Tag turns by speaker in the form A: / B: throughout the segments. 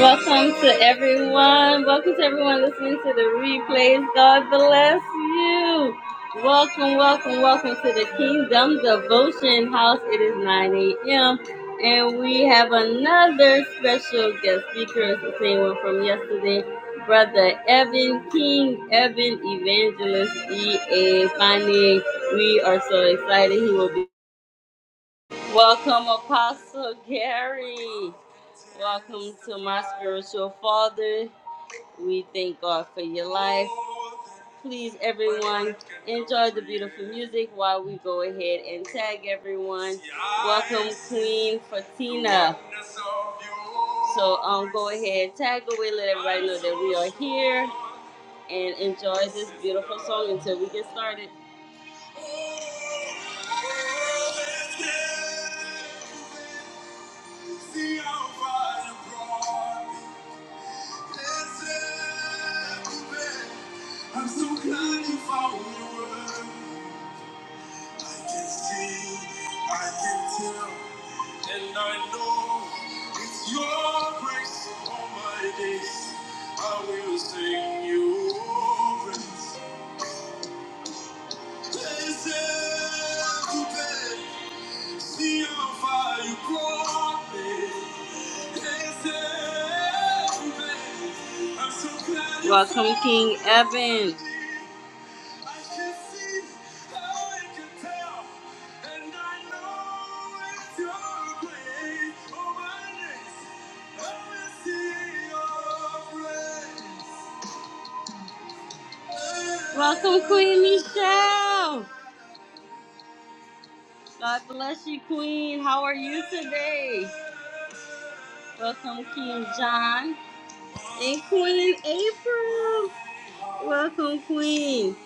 A: Welcome to everyone. Welcome to everyone listening to the replays. God bless you. Welcome, welcome, welcome to the Kingdom Devotion House. It is 9 a.m. And we have another special guest speaker. It's the same one from yesterday. Brother Evan King, Evan Evangelist E.A. Fani. We are so excited. He will be. Welcome, Apostle Gary. Welcome to my spiritual father. We thank God for your life. Please, everyone, enjoy the beautiful music while we go ahead and tag everyone. Welcome, Queen Fatina. So, um, go ahead, tag away, let everybody know that we are here, and enjoy this beautiful song until we get started. See how far you brought me. I'm so glad you found your word. I can see, I can tell, and I know it's your grace upon my days. I will sing your praise. Blessed See how far you brought me. I'm so glad. Welcome, King Evan. I can see how I can tell, and I know it's your grace. Oh, my grace, I will see your grace. Welcome, Queen Michelle. God bless you, Queen. How are you today? Welcome, King John. And Queen April. Welcome, Queen.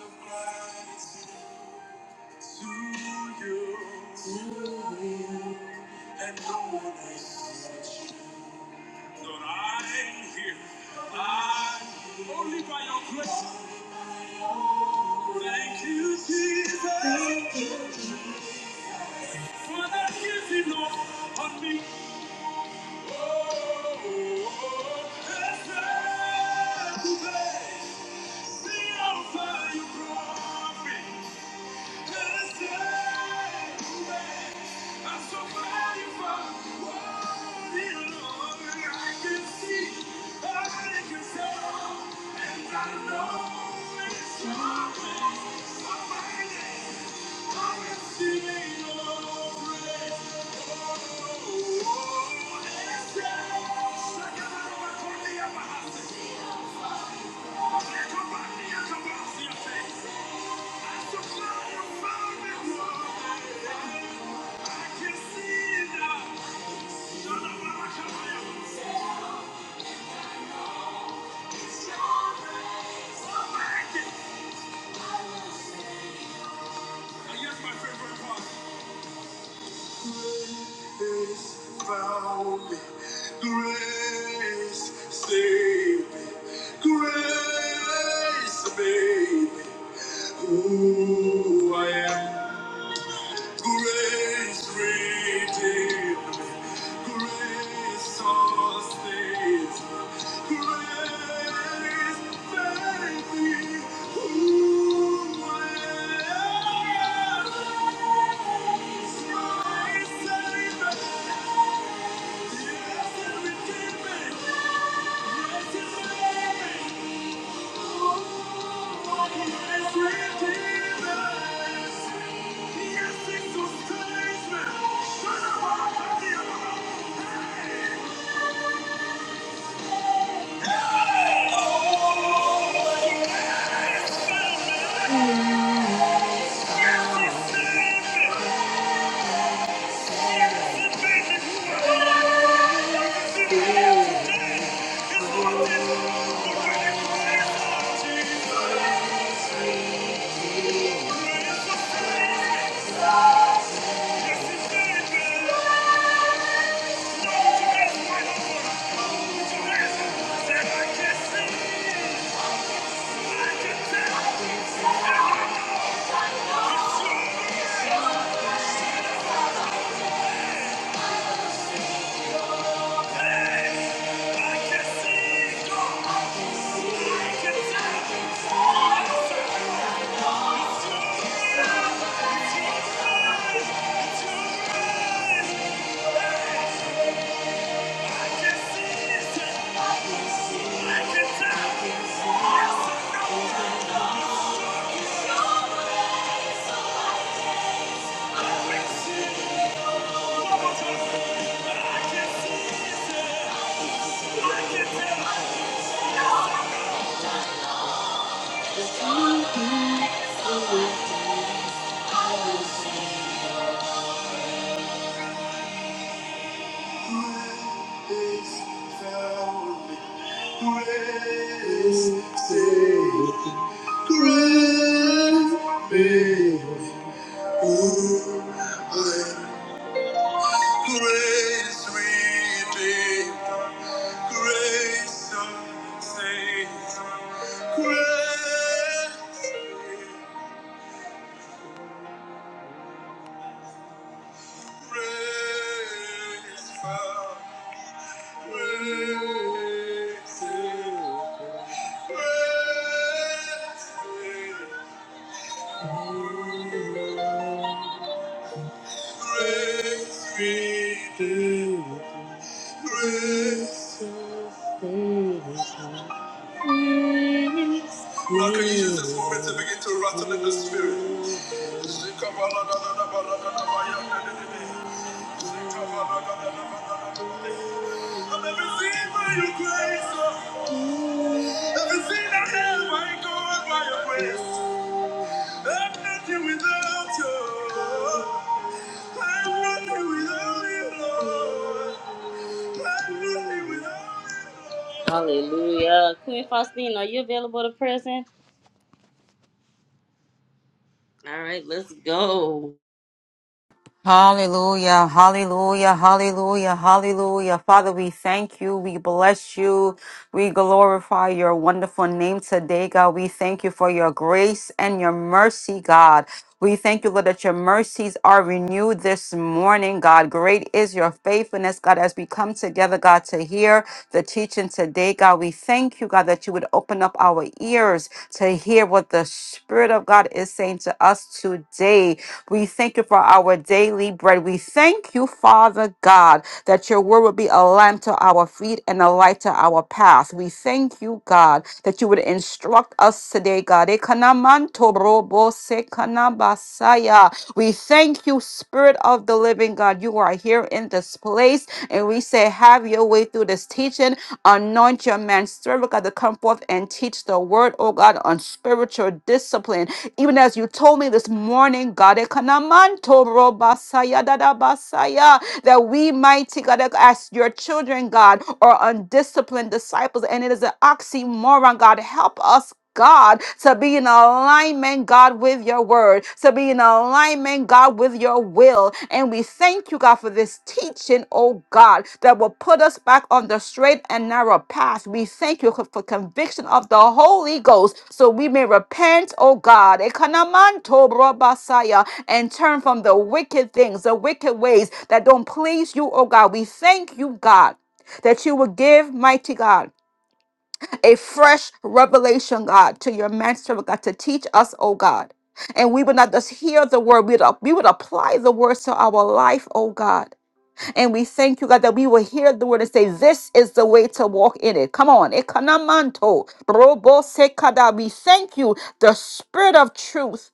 A: Lord, I'm here. I'm only by your grace. Thank you, Jesus, for that gift you know on me. Oh, oh, oh, oh, oh, oh, oh, oh, oh, oh, oh, oh, oh, oh, oh, oh, oh, oh, oh, oh, oh, oh, Thank you. Found me. Grace, save me. Grace, baby, who I am. Grace redeemed, grace sustains, grace made me who I am. Grace saved me, yes, it redeemed me, yes, it saved me. Oh, Grace redeemed us? Grace, grace, grace. Praise God. Praise God. Praise be to Praise Now can you use this moment to begin to rattle in the spirit? I've never seen by your grace, oh. Every sin I have, I go by your grace. I'm nothing without you. I'm nothing without you, Lord. I'm nothing without you. Hallelujah. Queen Faustine, are you available to present? All right, let's go.
B: Hallelujah, hallelujah, hallelujah, hallelujah. Father, we thank you. We bless you. We glorify your wonderful name today, God. We thank you for your grace and your mercy, God. We thank you, Lord, that your mercies are renewed this morning, God. Great is your faithfulness, God, as we come together, God, to hear the teaching today, God. We thank you, God, that you would open up our our ears to hear what the Spirit of God is saying to us today. We thank you for our daily bread. We thank you, Father God, that your word would be a lamp to our feet and a light to our path. We thank you, God, that you would instruct us today, God. Ekanamantorobosekanabasaya. We thank you, Spirit of the living God. You are here in this in this place. And we say, Have your way through this teaching. Anoint your man, servant, God, to come forth and teach the word, oh God, on spiritual discipline. Even as you told me this morning, God, ekanamanto robasaya dadabasaya, that we mighty God, as your children, God, are undisciplined disciples. And it is an oxymoron, God. Help us. God, to be in alignment, God, with your word, to be in alignment, God, with your will. And we thank you, God, for this teaching, oh God, that will put us back on the straight and narrow path. We thank you for conviction of the Holy Ghost so we may repent, oh God, Ekanamanto brobasaya, and turn from the wicked things, the wicked ways that don't please you, oh God. We thank you, God, that you will give, mighty God a fresh revelation, God, to your master, oh God, to teach us, oh God. And we would not just hear the word, we would, we would apply the words to our life, oh God. And we thank you, God, that we will hear the word and say, This is the way to walk in it. Come on. Ekanamanto, robosekada. We thank you, the spirit of truth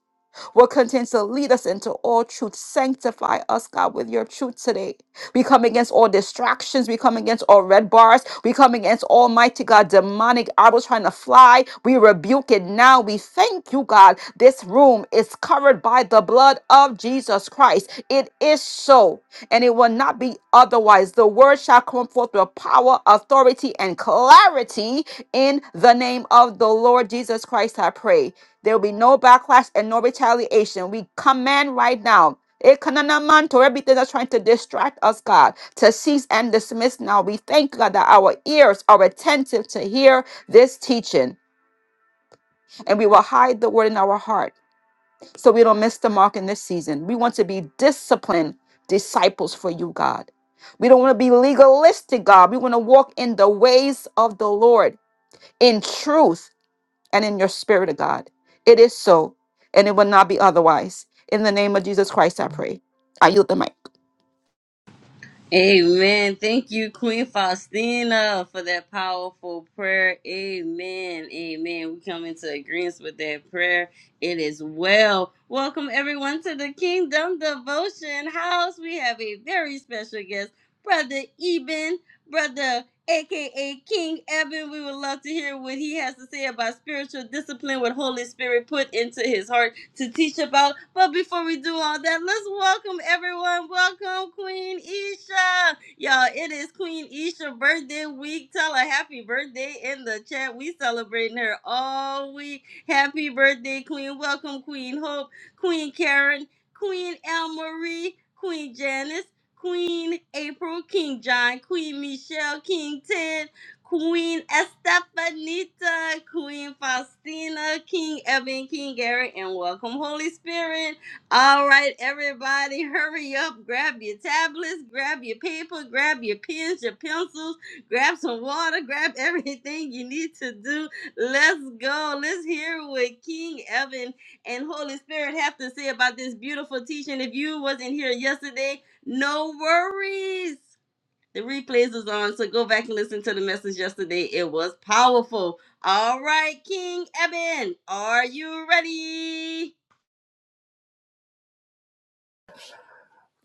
B: will continue to lead us into all truth. Sanctify us, God, with your truth today. We come against all distractions. We come against all red bars. We come against Almighty God, demonic arrows trying to fly. We rebuke it now. We thank you, God. This room is covered by the blood of Jesus Christ. It is so, and it will not be otherwise. The word shall come forth with power, authority, and clarity in the name of the Lord Jesus Christ. I pray. There will be no backlash and no retaliation. We command right now. Ekananamanto, Everything that's trying to distract us, God, to cease and dismiss now. We thank God that our ears are attentive to hear this teaching, and we will hide the word in our heart so we don't miss the mark in this season. We want to be disciplined disciples for you, God. We don't want to be legalistic, God. We want to walk in the ways of the Lord in truth and in your spirit of God. It is so, and it will not be otherwise. In the name of Jesus Christ, I pray. I yield the mic.
A: Amen. Thank you, Queen Faustina, for that powerful prayer. Amen. Amen. We come into agreement with that prayer. It is well. Welcome, everyone, to the Kingdom Devotion House. We have a very special guest, Brother Eben, Brother aka King Eben. We would love to hear what he has to say about spiritual discipline, what Holy Spirit put into his heart to teach about. But before we do all that, let's welcome everyone. Welcome, Queen Isha. Y'all, it is Queen Isha birthday week. Tell her happy birthday in the chat. We celebrating her all week. Happy birthday, Queen. Welcome, Queen Hope, Queen Karen, Queen Al Marie, Queen Janice. Queen April, King John, Queen Michelle, King Ted, Queen Estefanita, Queen Faustina, King Evan, King Gary, and welcome, Holy Spirit. All right, everybody, hurry up. Grab your tablets, grab your paper, grab your pens, your pencils, grab some water, grab everything you need to do. Let's go. Let's hear what King Evan and Holy Spirit have to say about this beautiful teaching. If you wasn't here yesterday, no worries. The replays is on, so go back and listen to the message yesterday. It was powerful. All right, King Eben, are you ready?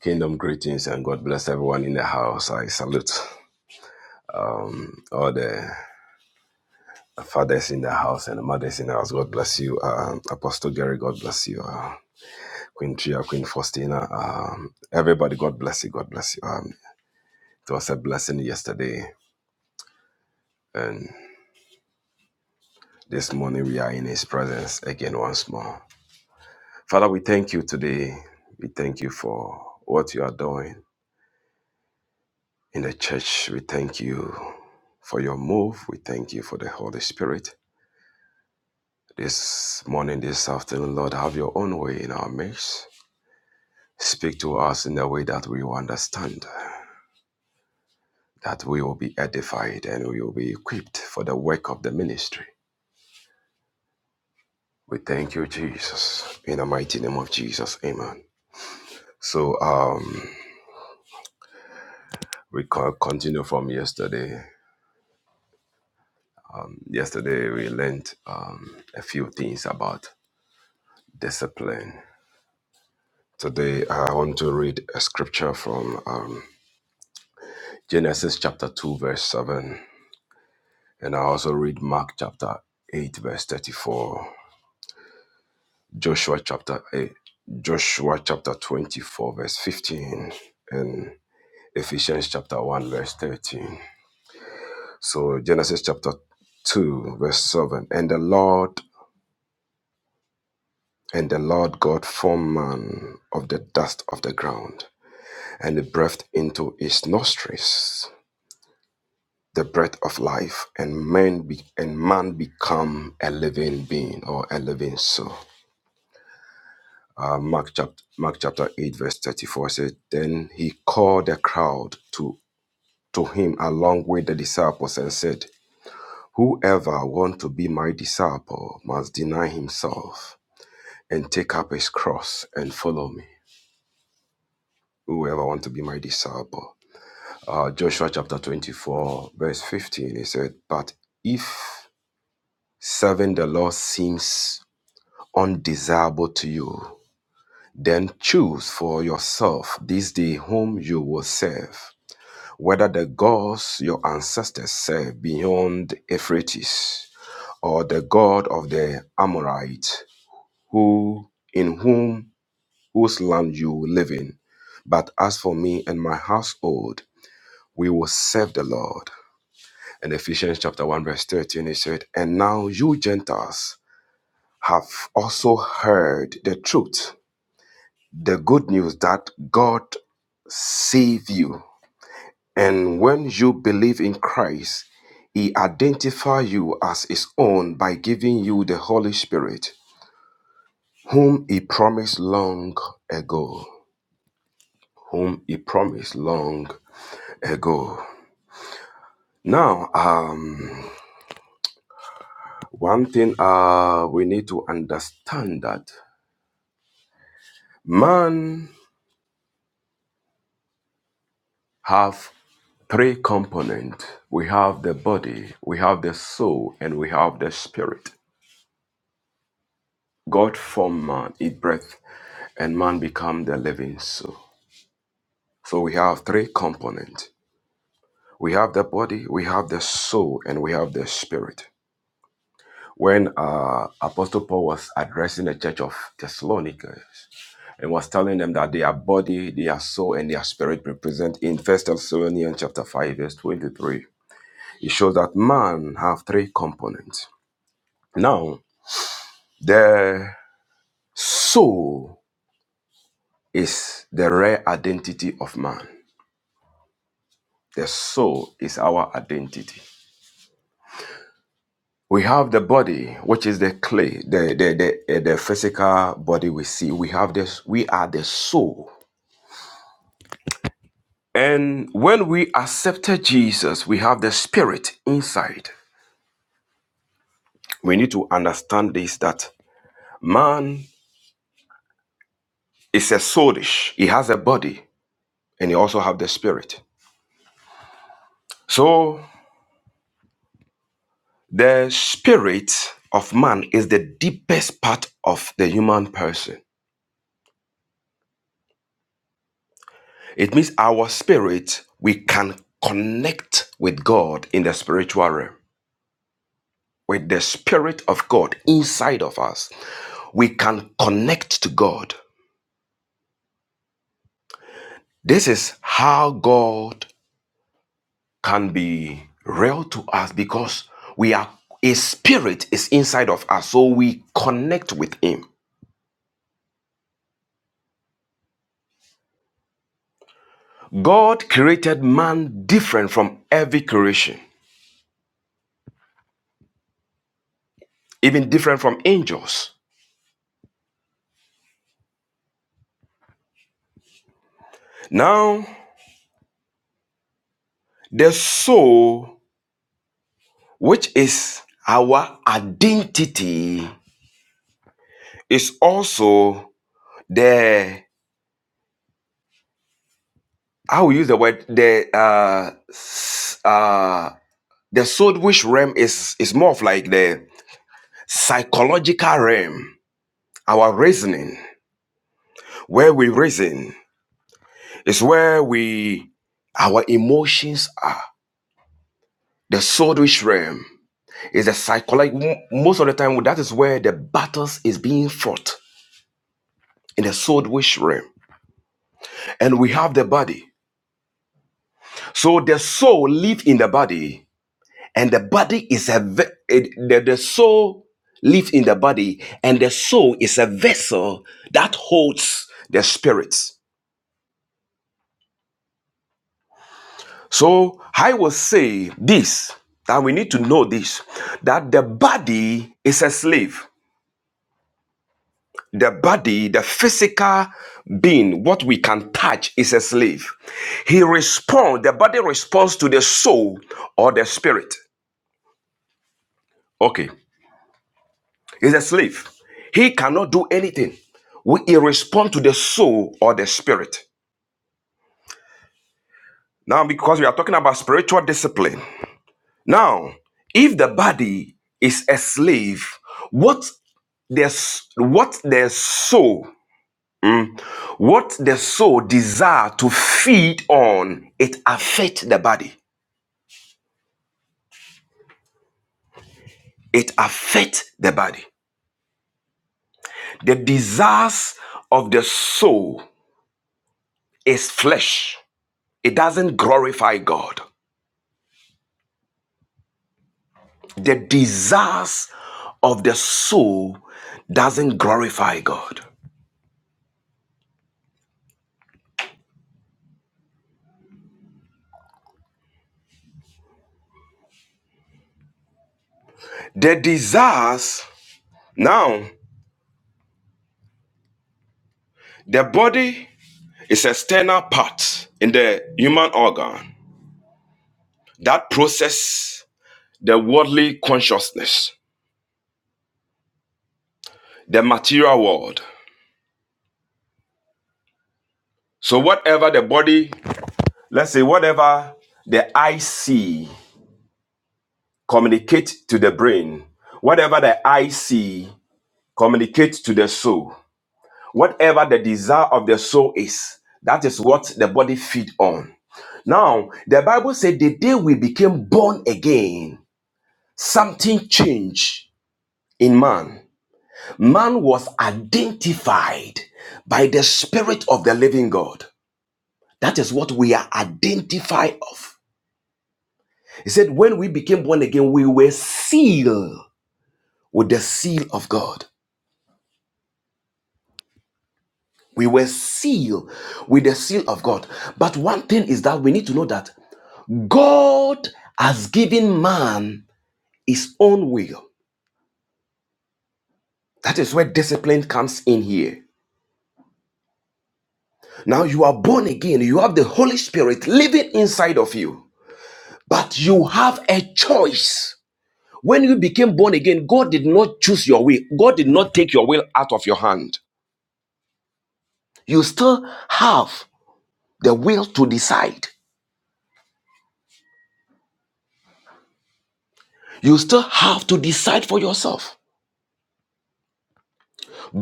C: Kingdom greetings and God bless everyone in the house. I salute um, all the fathers in the house and the mothers in the house. God bless you. Um, Apostle Gary, God bless you. Uh, Queen Tria, Queen Faustina, um, everybody, God bless you. God bless you. Um, it was a blessing yesterday, and this morning we are in His presence again once more. Father, we thank you today. We thank you for what you are doing in the church. We thank you for your move. We thank you for the Holy Spirit. This morning, this afternoon, Lord, have your own way in our midst. Speak to us in a way that we will understand, that we will be edified and we will be equipped for the work of the ministry. We thank you, Jesus. In the mighty name of Jesus, amen. So, um, we co- continue from yesterday. Yesterday, we learned um, a few things about discipline. Today, I want to read a scripture from um, Genesis chapter 2, verse 7. And I also read Mark chapter 8, verse 34, Joshua chapter 8, Joshua chapter 24, verse 15, and Ephesians chapter 1, verse 13. So Genesis chapter 2, verse 7. And the Lord and the Lord God formed man of the dust of the ground, and he breathed into his nostrils the breath of life, and man be, and man become a living being or a living soul. Uh, Mark, chapter, Mark chapter 8, verse 34 said, Then he called the crowd to, to him along with the disciples and said, Whoever wants to be my disciple must deny himself and take up his cross and follow me. Whoever wants to be my disciple. Uh, Joshua chapter 24, verse 15, he said, But if serving the Lord seems undesirable to you, then choose for yourself this day whom you will serve whether the gods your ancestors served beyond Euphrates, or the god of the Amorites, who in whom whose land you live in. But as for me and my household, we will serve the Lord. In Ephesians chapter 1, verse 13, it said, And now you Gentiles have also heard the truth, the good news that God saved you And when you believe in Christ, He identifies you as His own by giving you the Holy Spirit, whom He promised long ago. Whom He promised long ago. Now, um, one thing uh, we need to understand that man have three components. We have the body, we have the soul, and we have the spirit. God formed man, he breathed, and man became the living soul. So we have three components. We have the body, we have the soul, and we have the spirit. When uh, Apostle Paul was addressing the church of Thessalonica and was telling them that their body, their soul, and their spirit represent in First Thessalonians chapter 5, verse 23, it shows that man have three components. Now, the soul is the rare identity of man. The soul is our identity. We have the body, which is the clay, the the the, eh, the physical body we see. We have this. We are the soul. And when we accepted Jesus, we have the spirit inside. We need to understand this that man is a soulish. He has a body and he also have the spirit. So the spirit of man is the deepest part of the human person. It means our spirit, we can connect with God in the spiritual realm. With the spirit of God inside of us, we can connect to God. This is how God can be real to us because we are his spirit is inside of us, so we connect with him. God created man different from every creation, even different from angels. Now, the soul which is our identity, is also the I will use the word the uh uh the soul wish realm is is more of like the psychological realm, our reasoning, where we reason, is where we our emotions are. The soul wish realm is the psychological. Most of the time, that is where the battles is being fought in the soul wish realm, and we have the body. So the soul lives in the body, and the body is a ve- it, the, the soul lives in the body, and the soul is a vessel that holds the spirit. So I will say this that we need to know this that the body is a slave. The body, the physical being, what we can touch is a slave. He responds, the body responds to the soul or the spirit. Okay. He's a slave. He cannot do anything. We he respond to the soul or the spirit. Now, because we are talking about spiritual discipline. Now, if the body is a slave, what the what the soul, what the soul desire to feed on, it affect the body. It affect the body. The desires of the soul is flesh. It doesn't glorify God. The desires of the soul doesn't glorify God. The desires now the body is an external part in the human organ that process the worldly consciousness, the material world. So whatever the body, let's say whatever the eye see communicate to the brain, whatever the eye see communicate to the soul. Whatever the desire of the soul is, that is what the body feed on. Now, the Bible said the day we became born again, something changed in man. Man was identified by the Spirit of the living God. That is what we are identified of. He said, when we became born again, we were sealed with the seal of God. We were sealed with the seal of God. But one thing is that we need to know that God has given man his own will. That is where discipline comes in here. Now you are born again, you have the Holy Spirit living inside of you, but you have a choice. When you became born again, God did not choose your will, God did not take your will out of your hand. You still have the will to decide. You still have to decide for yourself.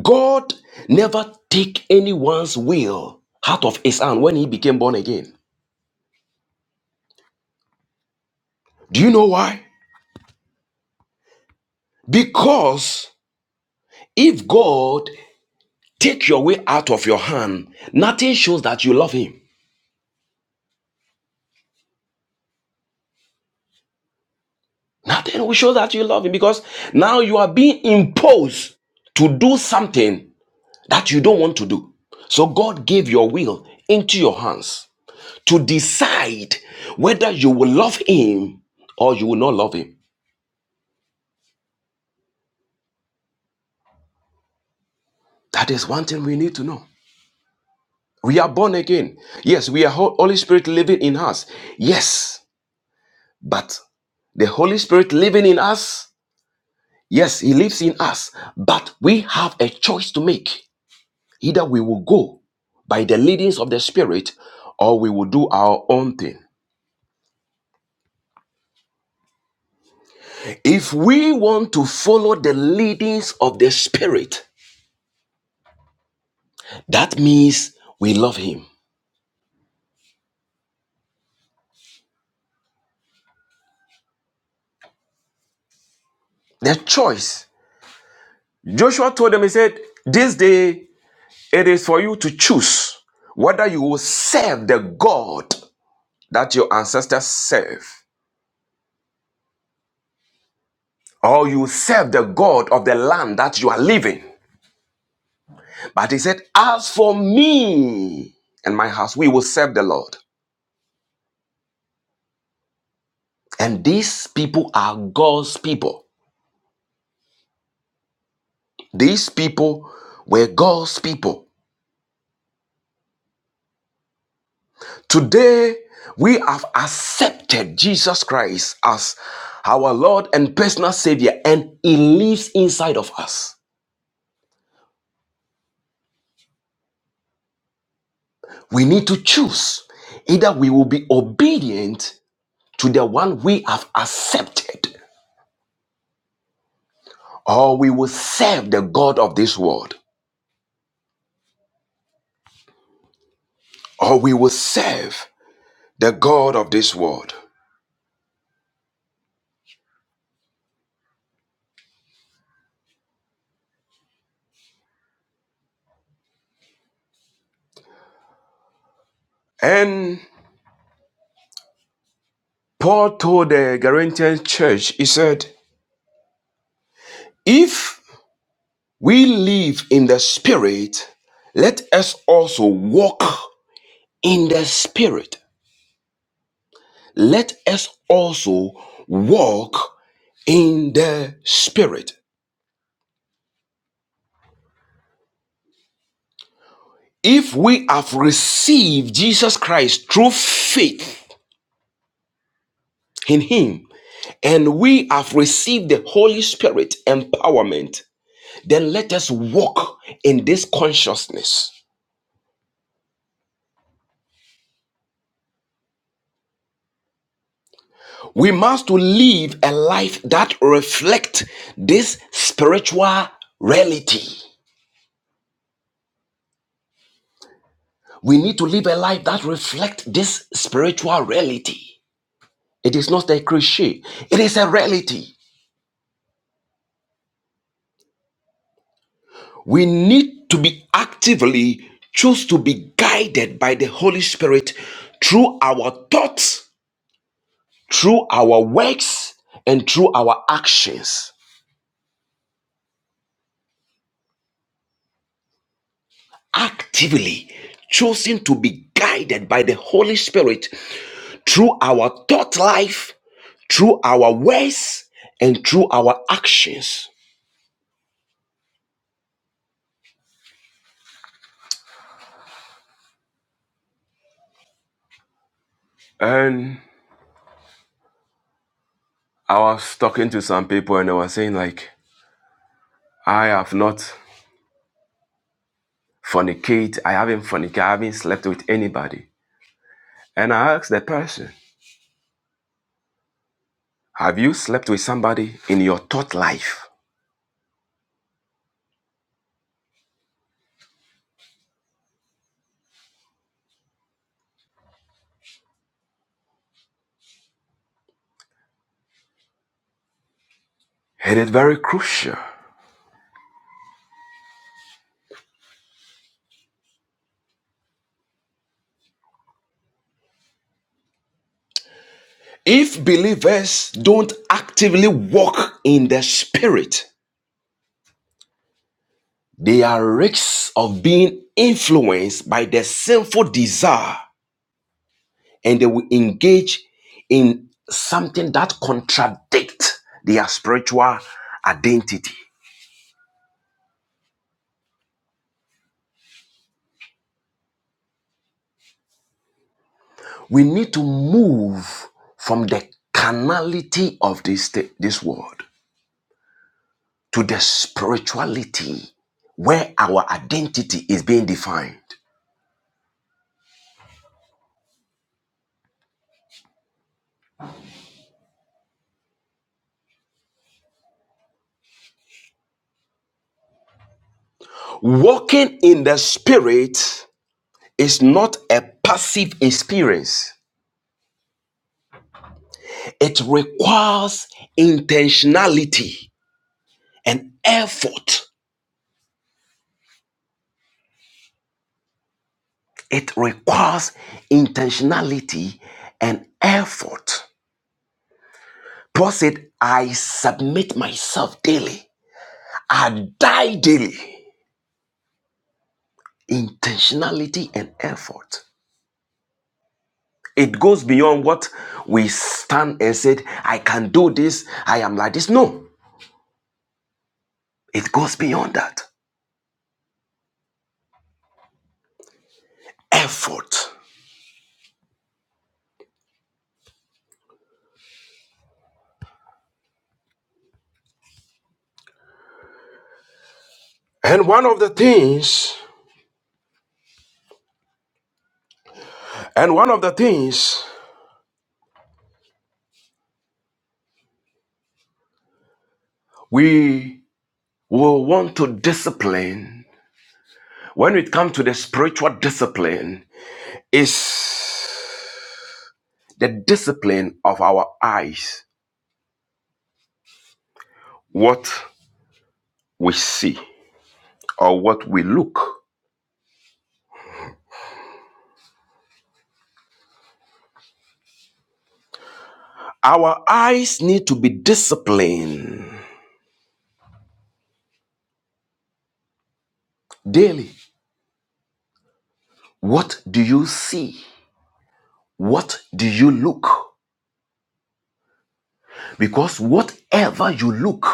C: God never took anyone's will out of his hand when he became born again. Do you know why? Because if God take your way out of your hand, nothing shows that you love him. Nothing will show that you love him because now you are being imposed to do something that you don't want to do. So God gave your will into your hands to decide whether you will love him or you will not love him. That is one thing we need to know. We are born again. Yes, we are Holy Spirit living in us. Yes, But the Holy Spirit living in us, yes, He lives in us, but we have a choice to make. Either we will go by the leadings of the Spirit or we will do our own thing. If we want to follow the leadings of the Spirit, that means we love Him. The choice. Joshua told them, He said, This day it is for you to choose whether you will serve the God that your ancestors serve or you serve the God of the land that you are living. But he said, As for me and my house, we will serve the Lord. And these people are God's people. These people were God's people. Today, we have accepted Jesus Christ as our Lord and personal Savior, and He lives inside of us. We need to choose either we will be obedient to the one we have accepted or we will serve the God of this world, or we will serve the God of this world. And Paul told the Corinthian church, he said, If we live in the Spirit, let us also walk in the Spirit. Let us also walk in the Spirit. If we have received Jesus Christ through faith in Him, and we have received the Holy Spirit empowerment, then let us walk in this consciousness. We must live a life that reflects this spiritual reality. We need to live a life that reflects this spiritual reality. It is not a cliche, it is a reality. We need to be actively choose to be guided by the Holy Spirit through our thoughts through our works and through our actions, actively choosing to be guided by the Holy Spirit through our thought life, through our words, and through our actions. And I was talking to some people and I was saying, like, I have not fornicate, I haven't fornicated, I haven't slept with anybody. And I asked the person, Have you slept with somebody in your thought life? It is very crucial. If believers don't actively walk in the spirit, they are risks of being influenced by their sinful desire and they will engage in something that contradicts their spiritual identity. We need to move from the carnality of this, this world to the spirituality where our identity is being defined. Walking in the spirit Is not a passive experience. It requires intentionality and effort. It requires intentionality and effort. Paul said, I submit myself daily. I die daily. Intentionality and effort. It goes beyond what we stand and said, I can do this, I am like this. No, it goes beyond that. Effort. And one of the things And one of the things we will want to discipline when it comes to the spiritual discipline is the discipline of our eyes, what we see or what we look. Our eyes need to be disciplined daily. What do you see? What do you look? Because whatever you look,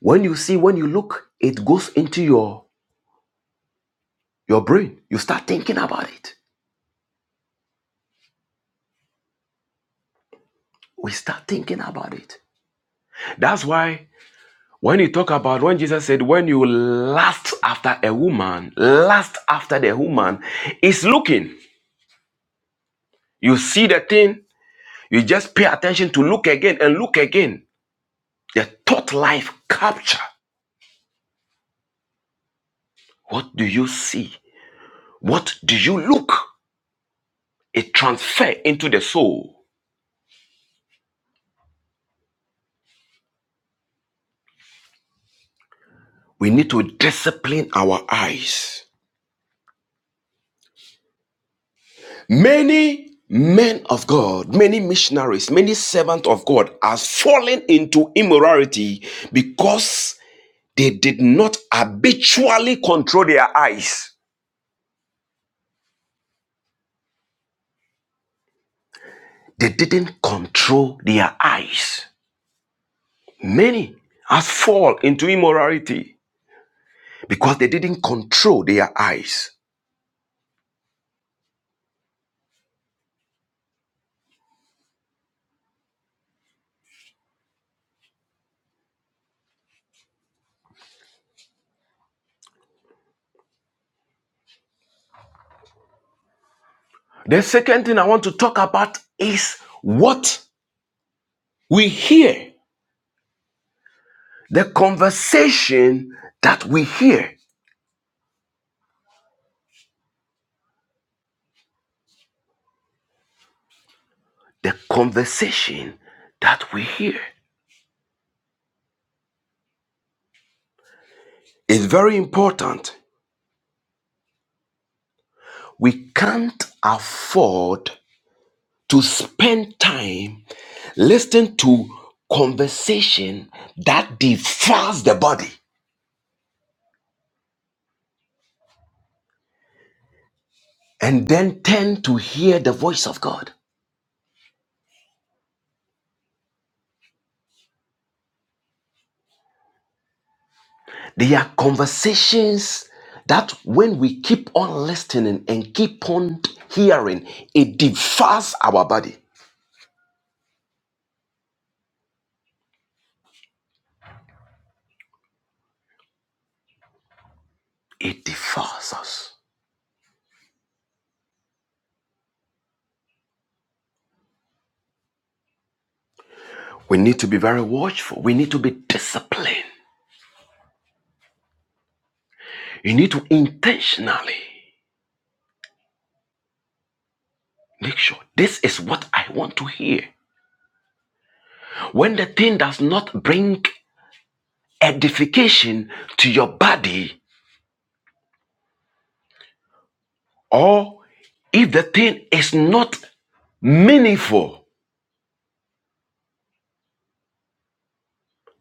C: when you see, when you look, it goes into your your brain. You start thinking about it. we start thinking about it. That's why when you talk about when Jesus said, when you lust after a woman, lust after the woman, it's looking. You see the thing, you just pay attention to look again and look again. The thought life capture. What do you see? What do you look? It transfer into the soul. We need to discipline our eyes. Many men of God, many missionaries, many servants of God have fallen into immorality because they did not habitually control their eyes. They didn't control their eyes. Many have fallen into immorality because they didn't control their eyes. The second thing I want to talk about is what we hear, the conversation that we hear. the conversation that we hear is very important. We can't afford to spend time listening to conversation that defiles the body and then tend to hear the voice of God. They are conversations that when we keep on listening and keep on hearing, it defiles our body. It defiles us. We need to be very watchful. We need to be disciplined You need to intentionally make sure this is what I want to hear. When the thing does not bring edification to your body, or if the thing is not meaningful,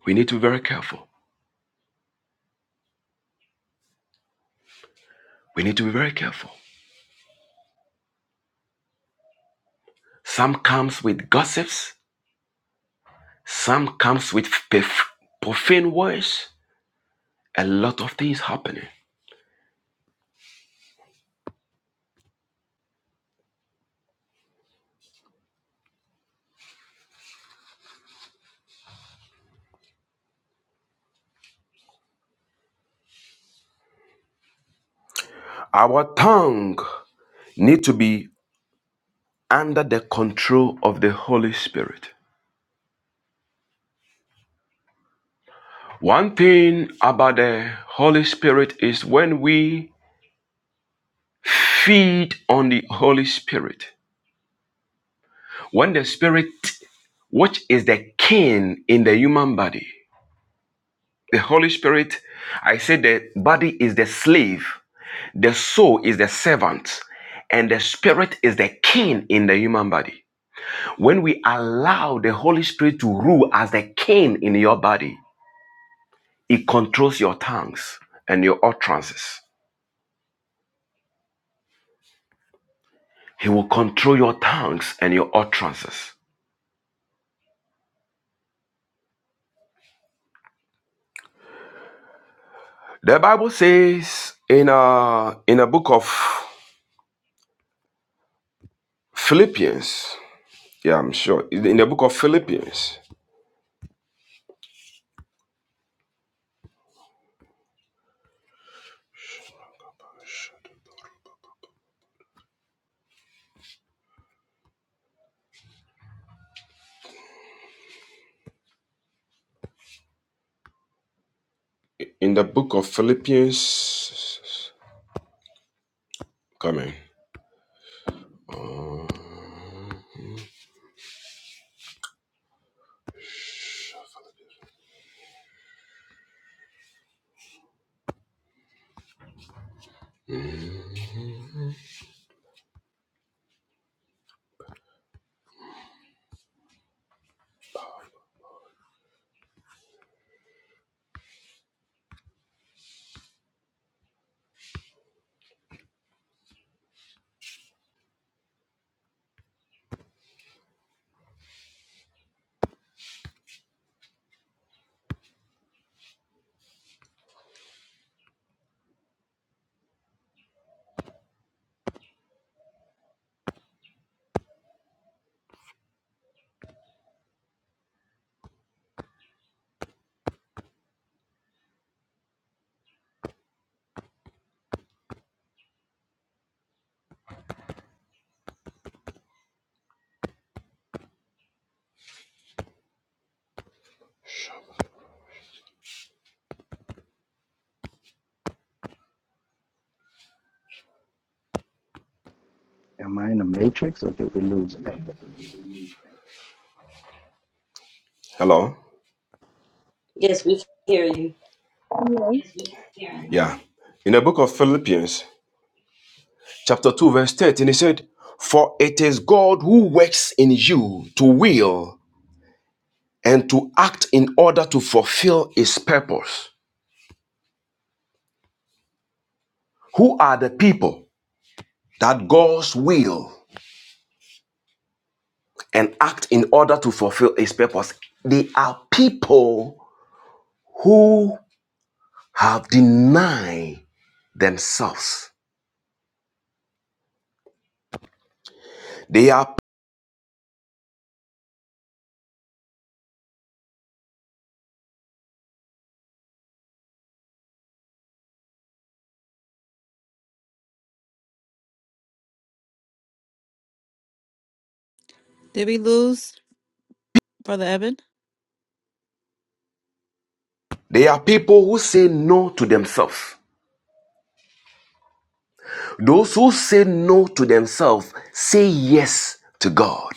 C: we need to be very careful. We need to be very careful. Some comes with gossips, some comes with profane words. A lot of things happening. Our tongue need to be under the control of the Holy Spirit. One thing about the Holy Spirit is when we feed on the Holy Spirit, when the Spirit, which is the king in the human body, the Holy Spirit, I say the body is the slave, the soul is the servant, and the Spirit is the king in the human body. When we allow the Holy Spirit to rule as the king in your body, it controls your tongues and your utterances He will control your tongues and your utterances. The Bible says in a in a book of Philippians. Yeah, I'm sure. In the book of Philippians. In the book of Philippians. Coming.
D: Am I in the matrix or did we lose Evan?
C: Hello?
A: Yes, we can hear you.
E: Yes,
C: Yeah. In the book of Philippians, chapter 2, verse 13, he said, For it is God who works in you to will and to act in order to fulfill his purpose. Who are the people that God's will and act in order to fulfill his purpose. They are people who have denied themselves. They are
B: Did we lose Brother Evan?
C: they are people who say no to themselves. Those who say no to themselves say yes to God.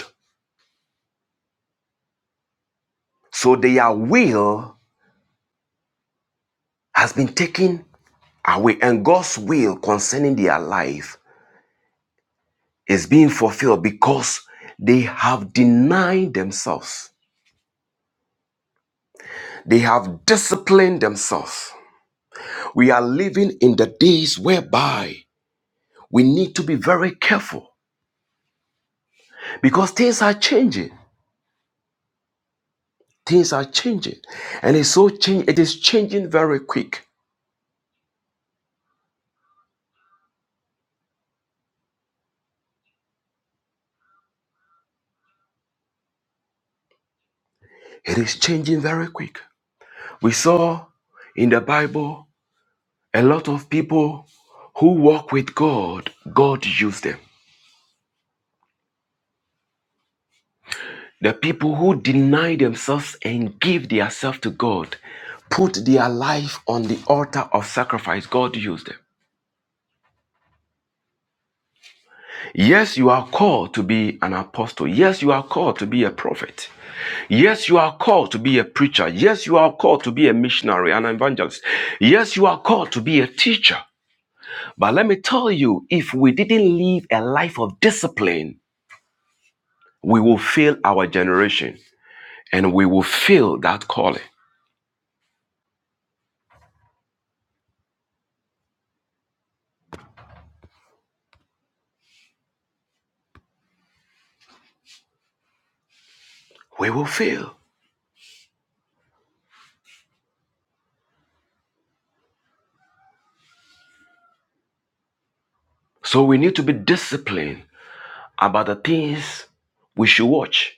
C: So their will has been taken away, and God's will concerning their life is being fulfilled because they have denied themselves. They have disciplined themselves. We are living in the days whereby we need to be very careful because things are changing. Things are changing. And it's so change it is changing very quick. It is changing very quick. We saw in the Bible a lot of people who walk with God, God used them. The people who deny themselves and give themselves to God, put their life on the altar of sacrifice, God used them. Yes, you are called to be an apostle. Yes, you are called to be a prophet. Yes, you are called to be a preacher. Yes, you are called to be a missionary, an evangelist. Yes, you are called to be a teacher. But let me tell you, if we didn't live a life of discipline, we will fail our generation and we will fail that calling. We will fail. So we need to be disciplined about the things we should watch.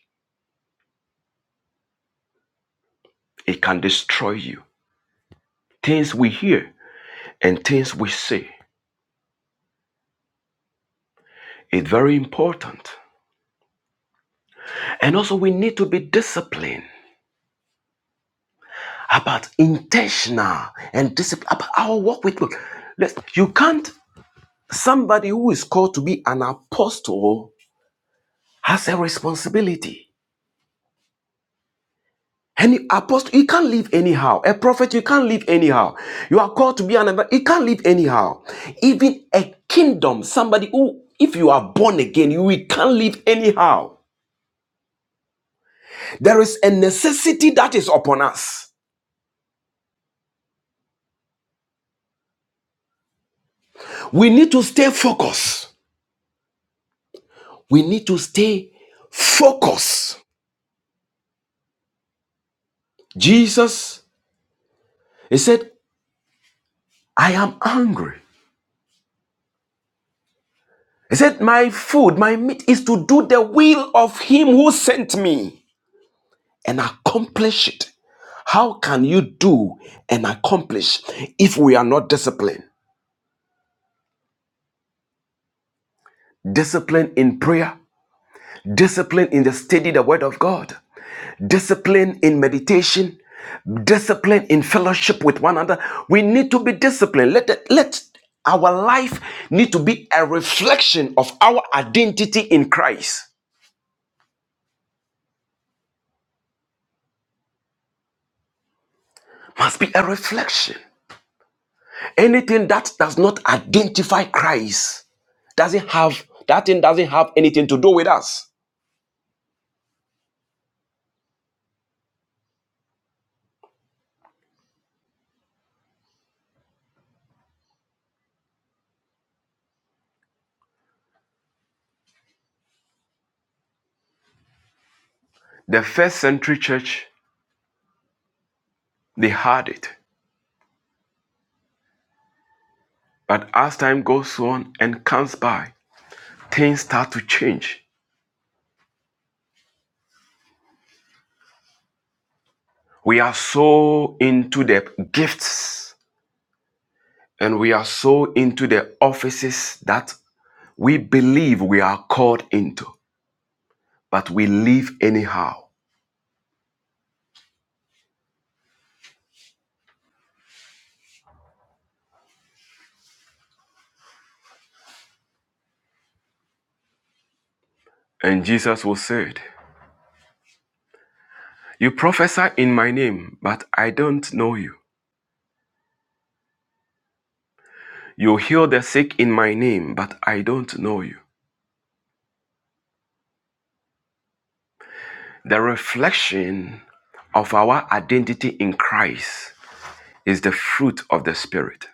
C: It can destroy you. Things we hear and things we say. It's very important. And also, we need to be disciplined about intentional and discipline about our work with God. let You can't, somebody who is called to be an apostle has a responsibility. Any apostle, you can't live anyhow. A prophet, you can't live anyhow. You are called to be an evangelist, you can't live anyhow. Even a kingdom, somebody who, if you are born again, you you can't live anyhow. There is a necessity that is upon us. We need to stay focused. We need to stay focused. Jesus, he said, I am hungry. He said, My food, my meat is to do the will of him who sent me and accomplish it. How can you do and accomplish if we are not disciplined? Discipline in prayer, discipline in the study, of the word of God, discipline in meditation, discipline in fellowship with one another. We need to be disciplined. Let it, let our life need to be a reflection of our identity in Christ. Must be a reflection. Anything that does not identify Christ doesn't have that thing doesn't have anything to do with us. The first century church they had it, but as time goes on and comes by, things start to change We are so into the gifts and we are so into the offices that we believe we are called into, but we live anyhow. And Jesus will say it. You prophesy in my name, but I don't know you. You heal the sick in my name, but I don't know you. The reflection of our identity in Christ is the fruit of the Spirit.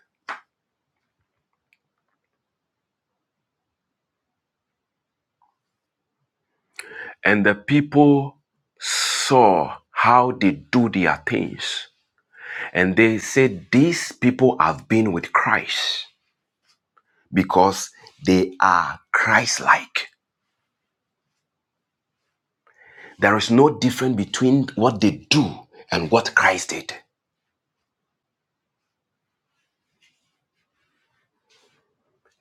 C: And the people saw how they do their things. And they said, These people have been with Christ because they are Christ like. There is no difference between what they do and what Christ did.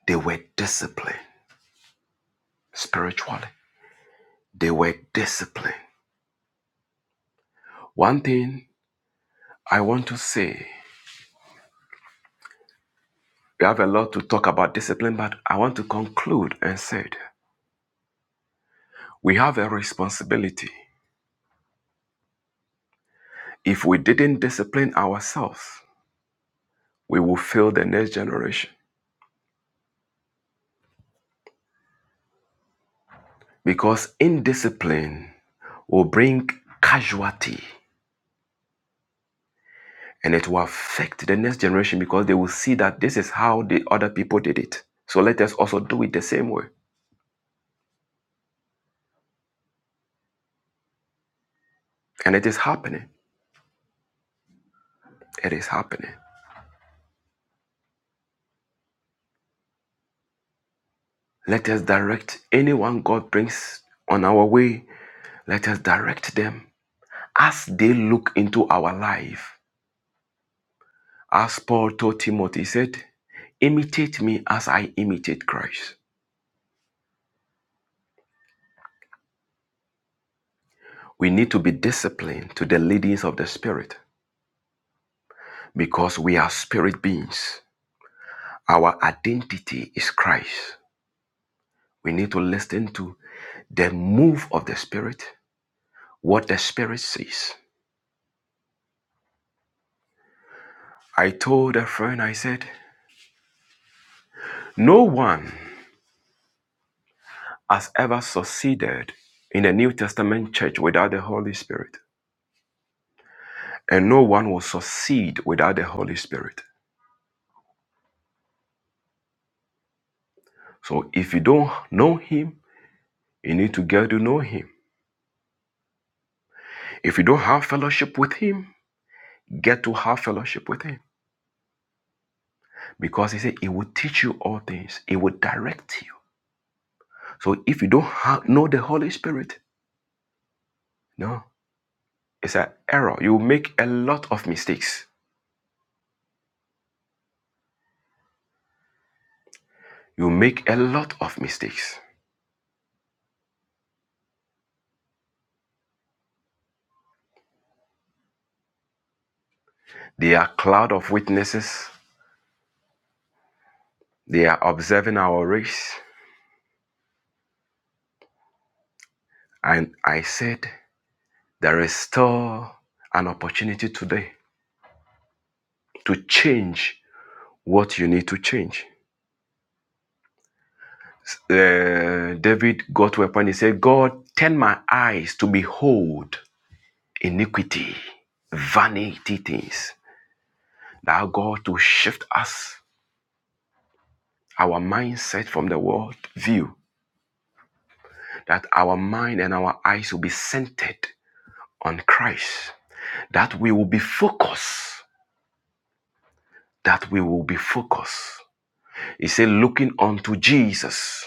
C: They were disciplined spiritually, they were disciplined. One thing I want to say we have a lot to talk about discipline, but I want to conclude and say we have a responsibility If we didn't discipline ourselves, we will fail the next generation because indiscipline will bring casualty and it will affect the next generation because they will see that this is how the other people did it. So let us also do it the same way. And it is happening. It is happening. Let us direct anyone God brings on our way, let us direct them as they look into our life. As Paul told Timothy, he said, Imitate me as I imitate Christ. We need to be disciplined to the leadings of the Spirit because we are spirit beings. Our identity is Christ. We need to listen to the move of the Spirit, what the Spirit says. I told a friend, I said, No one has ever succeeded in the New Testament church without the Holy Spirit, and no one will succeed without the Holy Spirit. So if you don't know him, you need to get to know him. If you don't have fellowship with him, get to have fellowship with him. Because he said he will teach you all things, he will direct you. So if you don't ha- know the Holy Spirit, no, it's an error. You make a lot of mistakes. You make a lot of mistakes. They are cloud of witnesses. They are observing our race. And I said, there is still an opportunity today to change what you need to change. Uh, David got to a point, he said, God, turn my eyes to behold iniquity, vanity things. Now, God, to shift us, our mindset from the world view, that our mind and our eyes will be centered on Christ, that we will be focused, that we will be focused. He said, looking unto Jesus,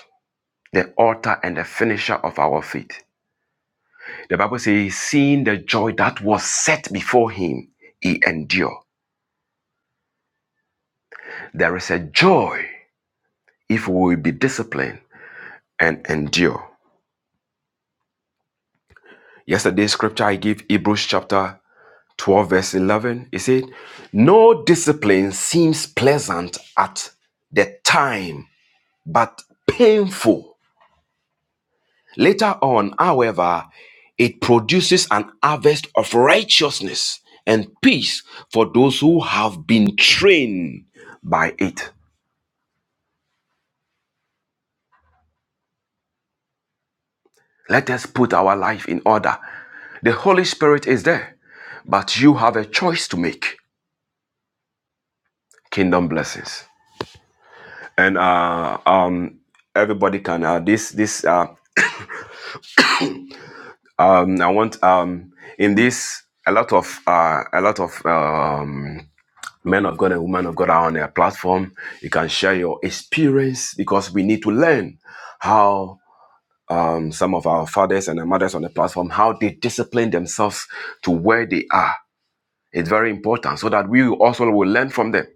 C: the author and the finisher of our faith. The Bible says, seeing the joy that was set before him, he endured. There is a joy if we will be disciplined and endure. Yesterday's scripture I gave Hebrews chapter 12, verse 11. It said, No discipline seems pleasant at the time, but painful. Later on, however, it produces an harvest of righteousness and peace for those who have been trained by it. Let us put our life in order. The Holy Spirit is there, but you have a choice to make. Kingdom blessings. And uh, um, everybody can uh, this this uh, um, I want um, in this a lot of uh, a lot of um, men of God and women of God are on their platform. You can share your experience because we need to learn how um, some of our fathers and our mothers on the platform how they discipline themselves to where they are It's very important so that we also will learn from them.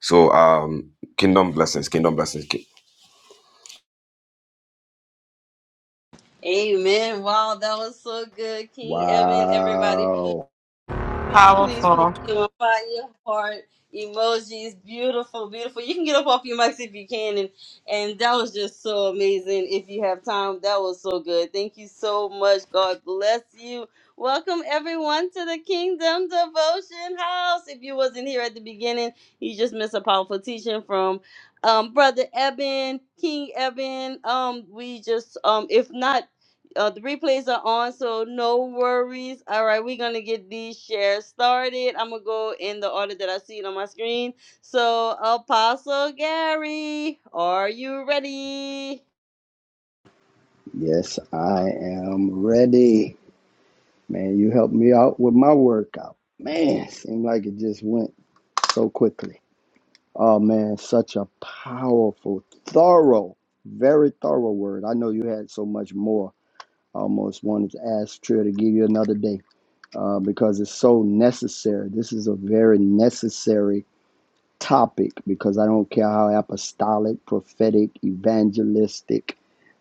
C: So, um, kingdom blessings, kingdom blessings. ki-
A: Amen. Wow, that was so good, King Eben. Everybody, please.
D: Wow.
A: Please, please, please
B: Powerful.
A: give a fire heart emojis. Beautiful, beautiful. You can get up off your mics if you can, and and that was just so amazing. If you have time, that was so good. Thank you so much. God bless you. Welcome everyone to the Kingdom Devotion House. If you wasn't here at the beginning, you just missed a powerful teaching from um brother Eben, King Eben. Um, we just um, if not. Uh, the replays are on, so no worries. All right, we're gonna get these shares started. I'm gonna go in the order that I see it on my screen. So, Apostle Gary, are you ready?
D: Yes, I am ready. Man, you helped me out with my workout. Man, seemed like it just went so quickly. Oh man, such a powerful, thorough, very thorough word. I know you had so much more. I almost wanted to ask Trill to give you another day uh, because it's so necessary. This is a very necessary topic because I don't care how apostolic, prophetic, evangelistic,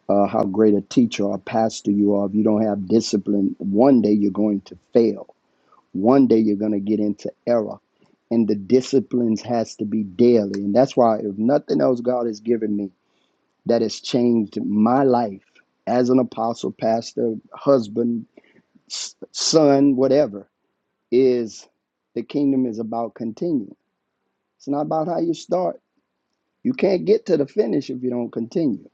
D: uh, how great a teacher or pastor you are, if you don't have discipline, one day you're going to fail. One day you're going to get into error. And the disciplines has to be daily. And that's why, if nothing else, God has given me that has changed my life as an apostle, pastor, husband, s- son, whatever, is the kingdom is about continuing. It's not about how you start. You can't get to the finish if you don't continue.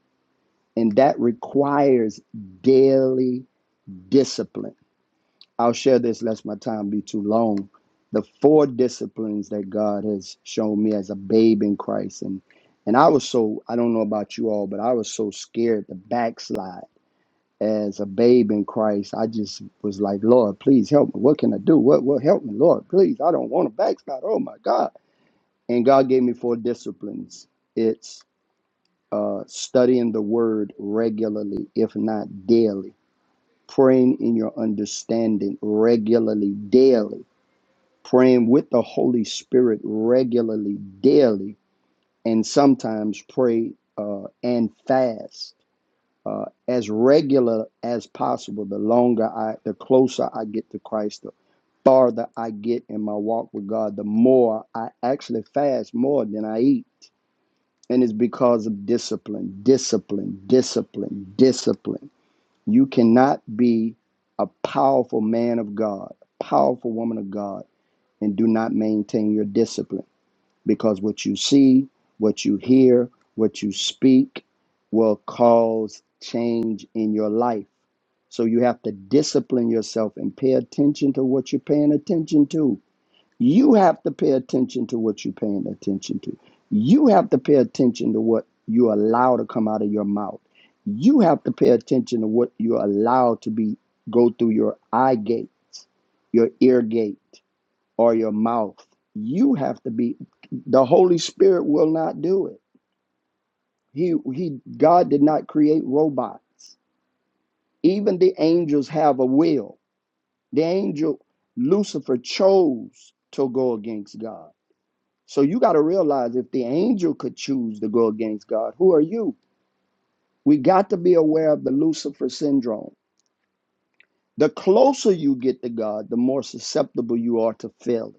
D: And that requires daily discipline. I'll share this lest my time be too long. The four disciplines that God has shown me as a babe in Christ. And and I was so, I don't know about you all, but I was so scared to backslide as a babe in Christ. I just was like, Lord, please help me. What can I do? What what help me, Lord? Please, I don't want to backslide. Oh my God. And God gave me four disciplines. It's uh, studying the word regularly, if not daily, praying in your understanding regularly, daily, praying with the Holy Spirit regularly, daily, and sometimes pray uh, and fast. Uh, as regular as possible. The longer I, the closer I get to Christ, the farther I get in my walk with God, the more I actually fast more than I eat and it's because of discipline, discipline, discipline, discipline. You cannot be a powerful man of God, a powerful woman of God, and do not maintain your discipline because what you see, what you hear, what you speak will cause change in your life. So you have to discipline yourself and pay attention to what you're paying attention to you have to pay attention to what you're paying attention to. You have to pay attention to what you allow to come out of your mouth. You have to pay attention to what you allow to be go through your eye gates, your ear gate, or your mouth. You have to be the Holy Spirit will not do it. He he God did not create robots. Even the angels have a will. The angel Lucifer chose to go against God. So you got to realize if the angel could choose to go against God, who are you? We got to be aware of the Lucifer syndrome. The closer you get to God, the more susceptible you are to failing.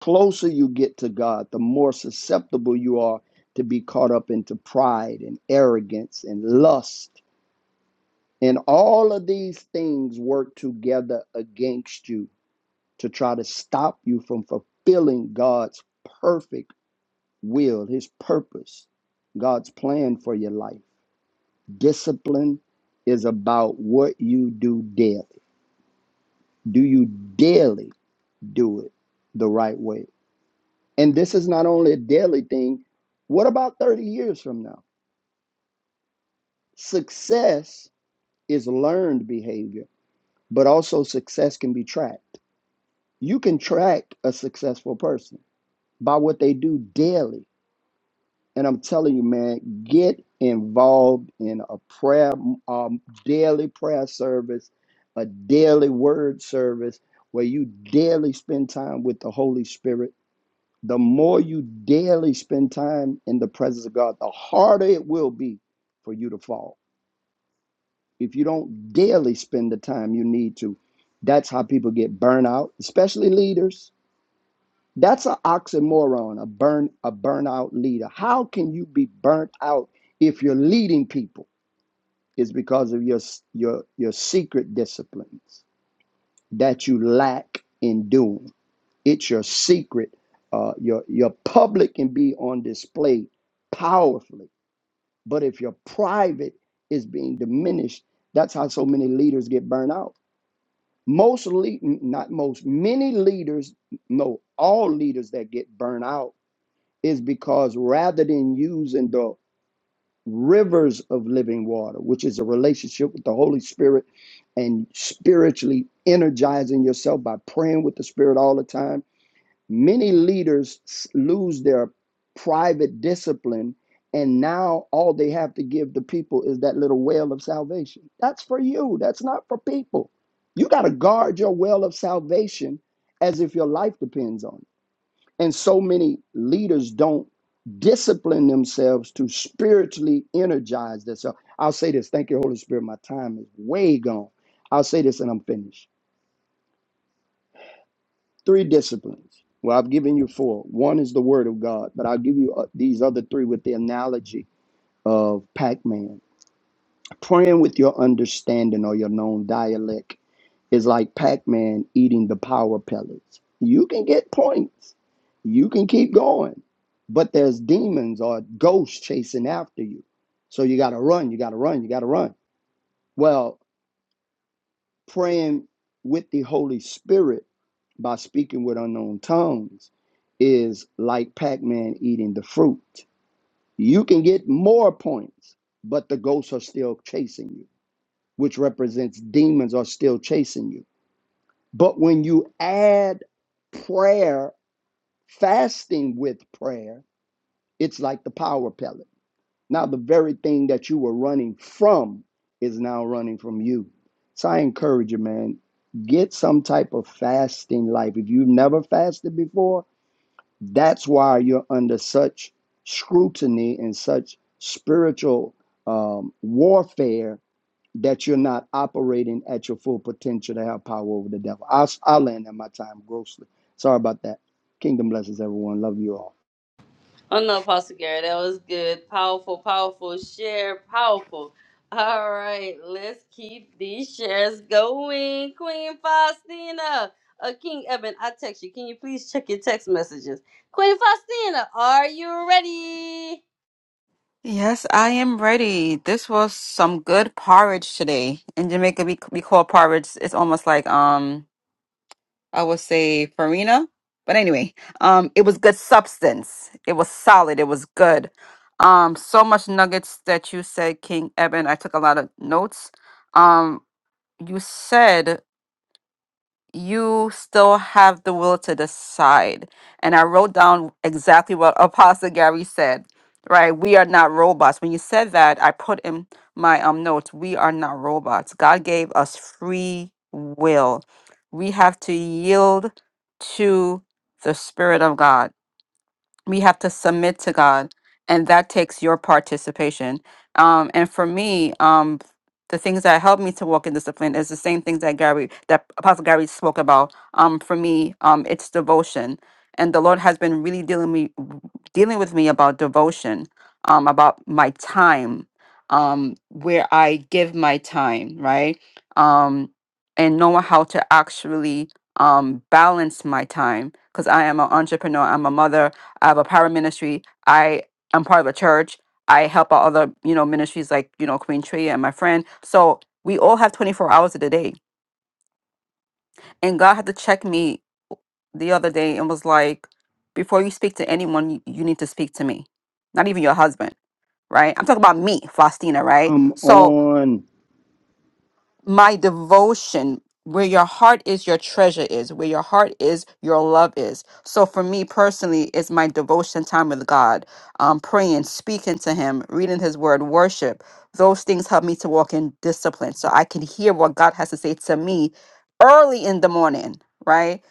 D: Closer you get to God, the more susceptible you are to be caught up into pride and arrogance and lust. And all of these things work together against you to try to stop you from fulfilling God's perfect will, His purpose, God's plan for your life. Discipline is about what you do daily. Do you daily do it the right way? And this is not only a daily thing. What about 30 years from now? Success is learned behavior, but also success can be tracked. You can track a successful person by what they do daily And I'm telling you, man, get involved in a prayer, um, daily prayer service, a daily word service where you daily spend time with the Holy Spirit. The more you daily spend time in the presence of God, the harder it will be for you to fall. If you don't daily spend the time you need to, that's how people get burnt out, especially leaders that's an oxymoron, a burn, a burnout leader. How can you be burnt out if you're leading people? It's because of your your your secret disciplines that you lack in doing. It's your secret. Uh, your your public can be on display powerfully, but if your private is being diminished, that's how so many leaders get burnt out. Most lead, not most, many leaders, no, all leaders that get burnt out is because rather than using the rivers of living water, which is a relationship with the Holy Spirit and spiritually energizing yourself by praying with the Spirit all the time, many leaders s- lose their private discipline. And now all they have to give the people is that little well of salvation. That's for you, that's not for people. You got to guard your well of salvation as if your life depends on it. And so many leaders don't discipline themselves to spiritually energize themselves. I'll say this. Thank you, Holy Spirit. My time is way gone. I'll say this and I'm finished. Three disciplines. Well, I've given you four. One is the Word of God, but I'll give you uh, these other three with the analogy of Pac Man. Praying with your understanding or your known dialect is like Pac-Man eating the power pellets. You can get points. You can keep going. But there's demons or ghosts chasing after you. So you got to run, you got to run, you got to run. Well, praying with the Holy Spirit by speaking with unknown tongues is like Pac-Man eating the fruit. You can get more points, but the ghosts are still chasing you, which represents demons are still chasing you. But when you add prayer, fasting with prayer, it's like the power pellet. Now, the very thing that you were running from is now running from you. So I encourage you, man, get some type of fasting life. If you've never fasted before, that's why you're under such scrutiny and such spiritual um, warfare that you're not operating at your full potential to have power over the devil. I'll, I'll land at my time grossly. Sorry about that. Kingdom blesses everyone. Love you all.
A: Oh no, Apostle Gary, that was good. Powerful, powerful share, powerful. All right, let's keep these shares going. Queen Faustina, uh, King Evan, I text you. Can you please check your text messages? Queen Faustina, are you ready?
B: Yes, I am ready. This was some good porridge today. In Jamaica, we we call porridge. It's almost like um, I would say farina, but anyway, um, it was good substance. It was solid. It was good. Um, so much nuggets that you said, King Eben. I took a lot of notes. Um, you said. you still have the will to decide. And I wrote down exactly what Apostle Gary said, right? We are not robots. When you said that, I put in my um notes, we are not robots. God gave us free will. We have to yield to the Spirit of God we have to submit to God, and that takes your participation. Um, and for me, um, the things that help me to walk in discipline is the same things that Gary, that Apostle Gary spoke about. Um, for me, um, it's devotion, and the Lord has been really dealing me, dealing with me about devotion, um, about my time, um, where I give my time, right, um, and knowing how to actually um, balance my time because I am an entrepreneur, I'm a mother, I have a power ministry. I am part of a church. I help out other, you know, ministries like, you know, Queen Tria and my friend. So we all have 24 hours of the day. And God had to check me the other day and was like, before you speak to anyone, you you need to speak to me. Not even your husband, right? I'm talking about me, Faustina, right?
D: Come
B: So
D: on.
B: my devotion where your heart is your treasure is where your heart is your love is so for me personally it's my devotion time with god um, praying speaking to him reading his word worship those things help me to walk in discipline so i can hear what god has to say to me early in the morning right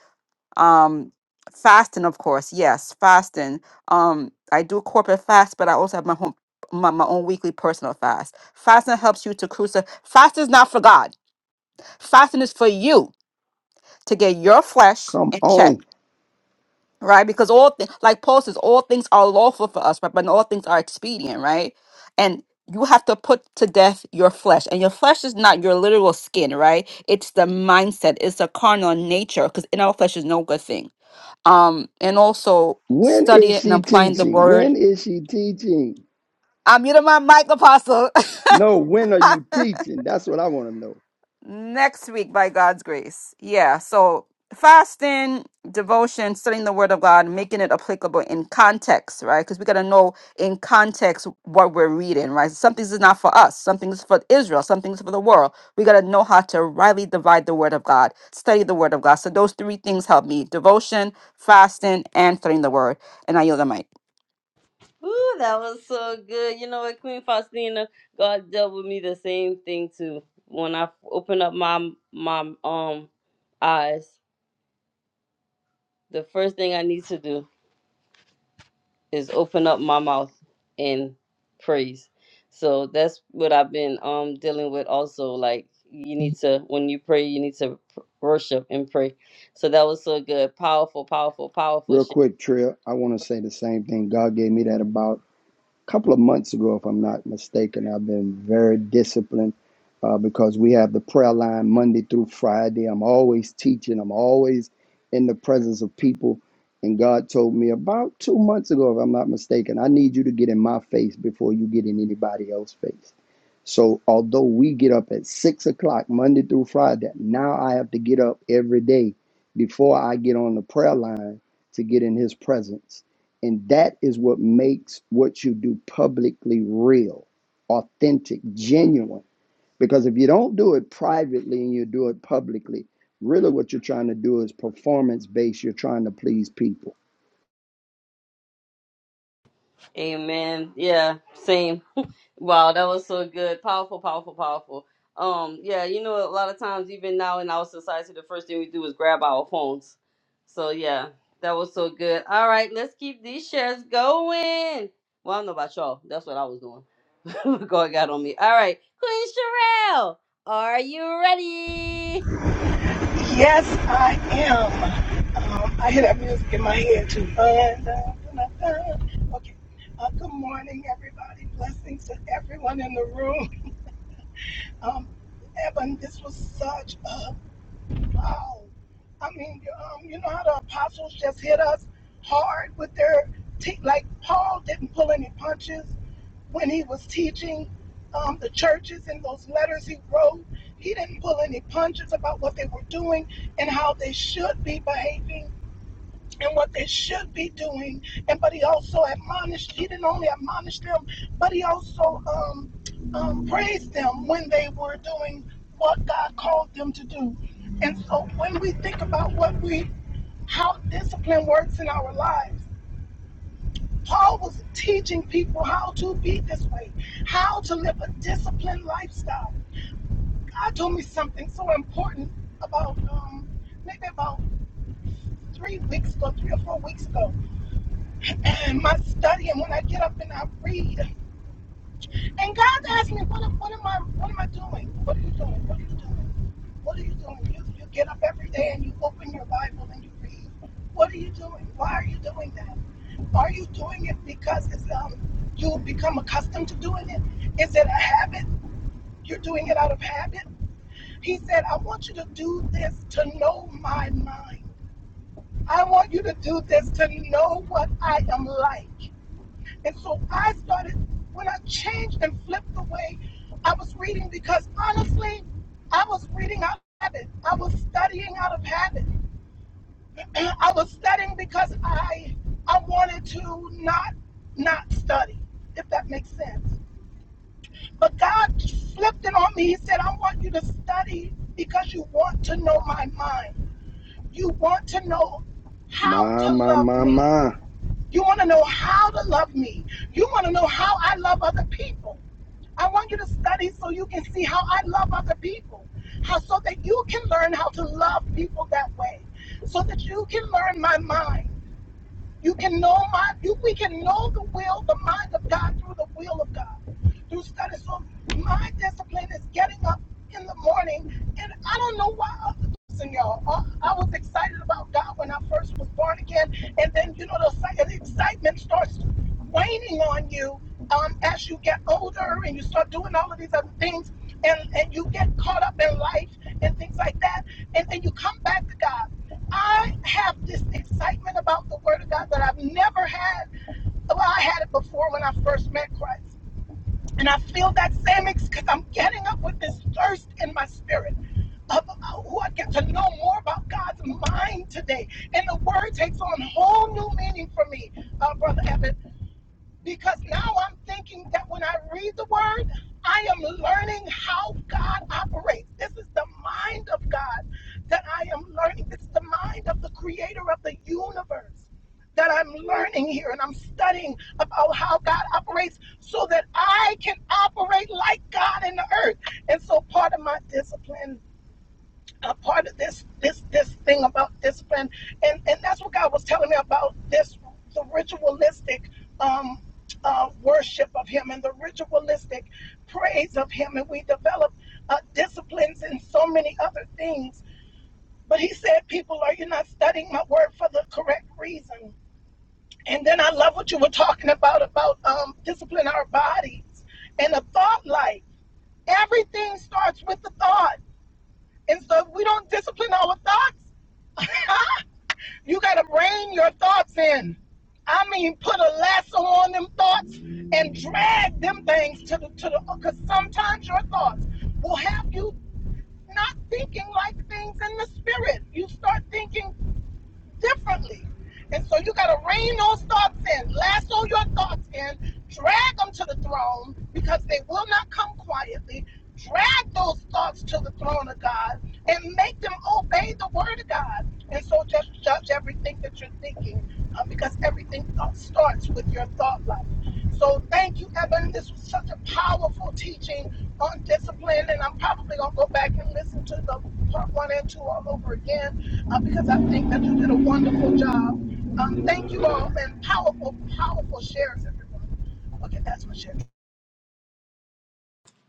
B: um fasting of course yes fasting um i do corporate fast but i also have my home my, my own weekly personal fast fasting helps you to crucify fast is not for god Fasting is for you to get your flesh
D: Come
B: in check,
D: on.
B: right? Because all things, like Paul says, all things are lawful for us, right? But not all things are expedient, right? And you have to put to death your flesh. And your flesh is not your literal skin, right? It's the mindset, it's the carnal nature, because in our flesh is no good thing. Um, and also
D: When is
B: studying and
D: she
B: applying the
D: teaching?
B: word.
D: When is she teaching?
B: I'm muting my mic, Apostle.
D: No, when are you teaching? That's what I want to know.
B: next week by God's grace. Yeah. So fasting, devotion, studying the word of God, making it applicable in context, right? Because we got to know in context what we're reading, right? Some things is not for us, some things is for Israel, some things for the world. We got to know how to rightly divide the word of God, study the word of God. So those three things help me devotion, fasting, and studying the word. And I yield the mic.
A: Ooh, that was so good. You know what, Queen Faustina, God dealt with me the same thing too. When I open up my my um eyes, the first thing I need to do is open up my mouth and praise. So that's what I've been um dealing with also. Like you need to when you pray, you need to pr- worship and pray. So that was so good. Powerful, powerful, powerful
D: Real
A: shit.
D: quick, Trill, I want to say the same thing. God gave me that about couple of months ago, if I'm not mistaken. I've been very disciplined uh, because we have the prayer line Monday through Friday. I'm always teaching, I'm always in the presence of people. And God told me about two months ago, if I'm not mistaken, I need you to get in my face before you get in anybody else's face. So, although we get up at six o'clock Monday through Friday, now I have to get up every day before I get on the prayer line to get in His presence and that is what makes what you do publicly real, authentic, genuine. Because if you don't do it privately and you do it publicly, really what you're trying to do is performance based. You're trying to please people.
A: Amen. Yeah, same. Wow, that was so good. Powerful, powerful, powerful. Um, yeah, you know, a lot of times, even now in our society, the first thing we do is grab our phones. So, yeah, that was so good. All right, let's keep these shares going. Well, I don't know about y'all. That's what I was doing. God got on me. All right, Queen Sherelle, are you ready?
F: Yes, I am. Um, I hear that music in my head too. Uh, da, da, da, da. Okay. Uh, good morning, everybody. Blessings to everyone in the room. Um, Evan, this was such a wow. I mean, um, you know how the apostles just hit us hard with their teeth? Like, Paul didn't pull any punches when he was teaching um, the churches in those letters he wrote. He didn't pull any punches about what they were doing and how they should be behaving and what they should be doing. And but he also admonished. He didn't only admonish them, but he also um, um, praised them when they were doing what God called them to do. And so when we think about what we how discipline works in our lives Paul was teaching people how to be this way, how to live a disciplined lifestyle. God told me something so important about um, maybe about three weeks ago, three or four weeks ago, and my study. And when I get up and I read, And God's asking me, what, am- what am I what am I doing? What are you doing? What are you doing? What are you doing? You, you get up every day and you open your Bible and you read. What are you doing? Why are you doing that? Are you doing it because it's, um, you become accustomed to doing it? Is it a habit? You're doing it out of habit? He said, I want you to do this to know my mind. I want you to do this to know what I am like. And so I started, when I changed and flipped the way I was reading, because honestly, I was reading out of habit. I was studying out of habit. I was studying because I I wanted to not not study, if that makes sense. But God flipped it on me. He said, I want you to study because you want to know my mind. You want to know how
D: My,
F: to
D: my,
F: love
D: my,
F: me.
D: my.
F: You want to know how to love me. You want to know how I love other people. I want you to study so you can see how I love other people, how so that you can learn how to love people that way, so that you can learn my mind. You can know my. You, we can know the will, the mind of God through the will of God through study. So my discipline is getting up in the morning, and I don't know why other person, y'all. Uh, I, was excited about God when I first was born again, and then you know the, the excitement starts waning on you um, as you get older and you start doing all of these other things, and and you get caught up in life and things like that, and then you come back to God. I have this excitement about the Word of God that I've never had. Well, I had it before when I first met Christ and I feel that same ex because I'm getting up with this thirst in my spirit. Of uh, who I get to know more about God's mind today. And the word takes on whole new meaning for me, uh, Brother Evan because now I'm thinking that when I read the word, I am learning how God operates. This is the mind of God that I am learning. This is the mind of the creator of the universe that I'm learning here and I'm studying about how God operates so that I can operate like God in the earth. And so part of my discipline a part of this this this thing about discipline and and that's what god was telling me about this the ritualistic um uh worship of him and the ritualistic praise of him and we develop uh, disciplines and so many other things but he said people are you not studying my word for the correct reason and then i love what you were talking about about um discipline our bodies and a thought life everything starts with the thought and so if we don't discipline our thoughts You got to rein your thoughts in. I mean, put a lasso on them thoughts and drag them things to the to the. Because sometimes your thoughts will have you not thinking like things in the spirit. You start thinking differently. And so you got to rein those thoughts in, lasso your thoughts in, drag them to the throne because they will not come quietly. Drag those thoughts to the throne of God and make them obey the word of God. And so just judge everything that you're thinking uh, because everything uh, starts with your thought life. So thank you, Evan. This was such a powerful teaching on discipline, and I'm probably gonna go back and listen to the part one and two all over again uh, because I think that you did a wonderful job. Um, thank you all, and powerful, powerful shares, everyone. Okay, that's my share.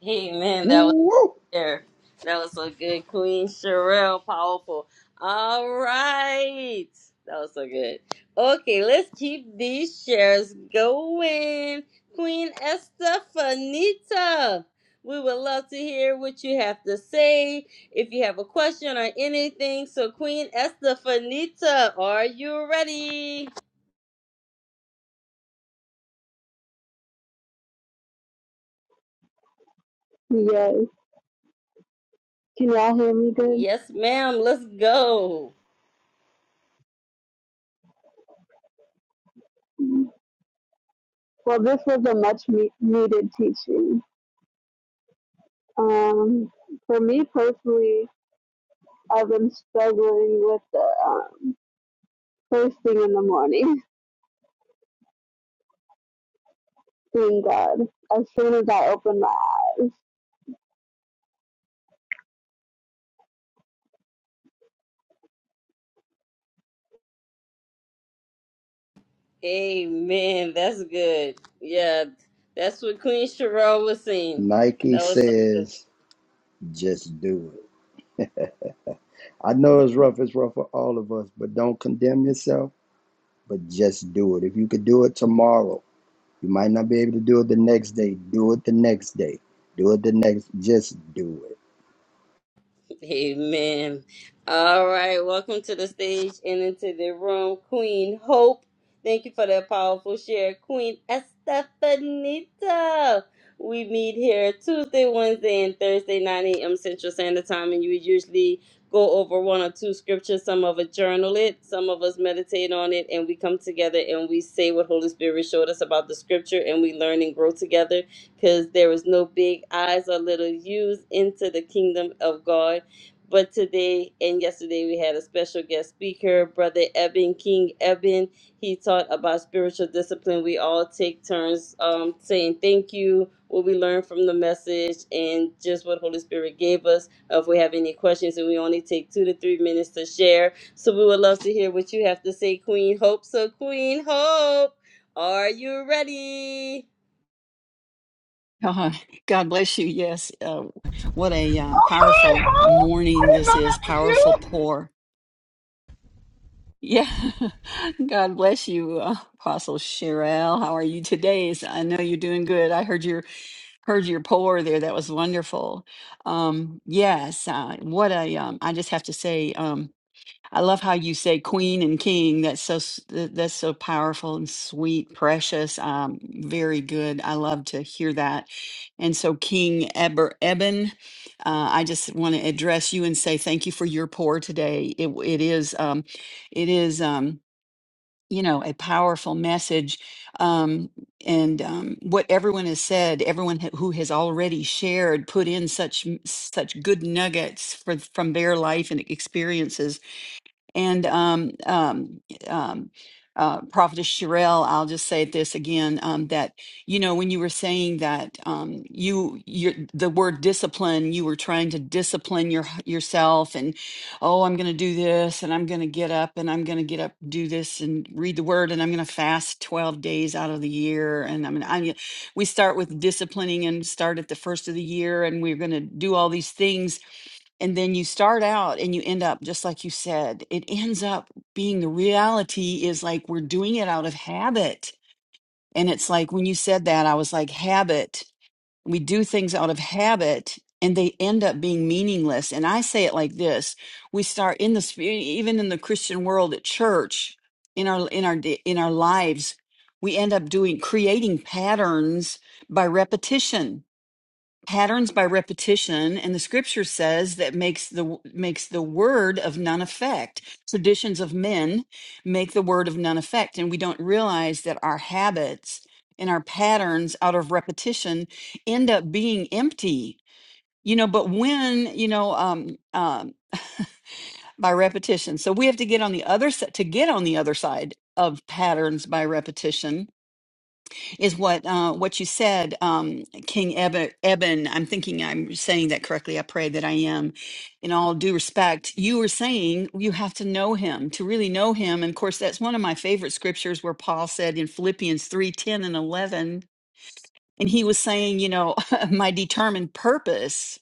A: Hey, man, that was.
D: Woo!
A: there. That was so good, Queen Sherelle. Powerful. All right. That was so good. Okay, let's keep these shares going. Queen Estefanita, we would love to hear what you have to say. If you have a question or anything, so Queen Estefanita, are you ready?
E: yes. Can y'all hear me good?
A: Yes, ma'am. Let's go.
E: Well, this was a much me- needed teaching. Um, for me personally, I've been struggling with the um, first thing in the morning, seeing God, as soon as I open my eyes.
A: Amen. That's good. Yeah, that's what Queen Cheryl was saying.
D: Nike
A: That was so good.
D: says, just do it. I know it's rough, it's rough for all of us, but don't condemn yourself, but just do it. If you could do it tomorrow, You might not be able to do it the next day. Do it the next day. Do it the next. Just do it.
A: Amen. All right. Welcome to the stage and into the room, Queen Hope. Thank you for that powerful share, Queen Estefanita. We meet here Tuesday, Wednesday, and Thursday, 9 a.m. Central Standard Time, and you usually go over one or two scriptures. Some of us journal it, some of us meditate on it, and we come together and we say what Holy Spirit showed us about the scripture, and we learn and grow together because there is no big eyes or little U's into the kingdom of God. But today and yesterday we had a special guest speaker, Brother Eben King Eben. He taught about spiritual discipline. We all take turns um, saying thank you, what we learned from the message, and just what Holy Spirit gave us. Uh, if we have any questions, and we only take two to three minutes to share, so we would love to hear what you have to say, Queen Hope. So, Queen Hope, are you ready?
G: God, God bless you. Yes. Uh, what a uh,
F: Oh, hi,
G: powerful
F: Howard. I
G: morning
F: didn't
G: this
F: know
G: is,
F: that was
G: powerful
F: you.
G: pour. Yeah. God bless you, uh, Apostle Sherelle. How are you today? It's- I know you're doing good. I heard your heard your pour there. That was wonderful. Um, yes. Uh, what a um, I just have to say. um, I love how you say queen and king. That's so s- th- that's so powerful and sweet, precious. Um, very good. I love to hear that. And so, King Eber Eben, uh, I just want to address you and say thank you for your pour today. It w- it is um, it is um, you know a powerful message. Um, and um, what everyone has said, everyone ha- who has already shared, put in such m- such good nuggets for, from their life and experiences and um, um, um, uh, Prophetess Sherelle, I'll just say this again: um, that you know, when you were saying that um, you, your, the word discipline, you were trying to discipline your yourself, and oh, I'm going to do this, and I'm going to get up, and I'm going to get up, do this, and read the word, and I'm going to fast 12 days out of the year, and I'm, I'm. We start with disciplining and start at the first of the year, and we're going to do all these things and then you start out and you end up just like you said it ends up being the reality is like we're doing it out of habit and it's like when you said that i was like habit we do things out of habit and they end up being meaningless and i say it like this we start in the sp- e, even in the christian world at church in our in our d- in our lives we end up doing creating patterns by repetition patterns by repetition and the scripture says that makes the makes the word of none effect traditions of men make the word of none effect and we don't realize that our habits and our patterns out of repetition end up being empty you know but when you know um, um by repetition so we have to get on the other side to get on the other side of patterns by repetition is what uh, what you said, um, King Eben, Eben. I'm thinking I'm saying that correctly. I pray that I am. In all due respect, you were saying you have to know him to really know him. And of course, that's one of my favorite scriptures where Paul said in Philippians three ten and 11, and he was saying, you know, my determined purpose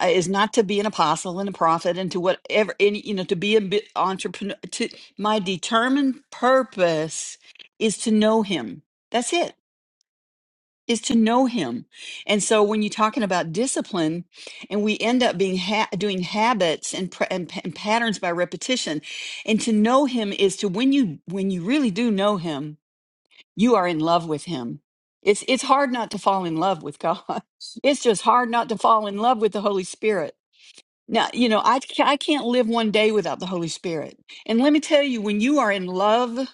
G: uh, is not to be an apostle and a prophet and to whatever, and, you know, to be an entrepreneur. To, my determined purpose is to know him. That's it is to know him. And so when you're talking about discipline and we end up being ha- doing habits and, pr- and pa- and patterns by repetition and to know him is to when you when you really do know him, you are in love with him. It's it's hard not to fall in love with God. It's just hard not to fall in love with the Holy Spirit. Now, you know, I ca- I can't live one day without the Holy Spirit. And let me tell you when you are in love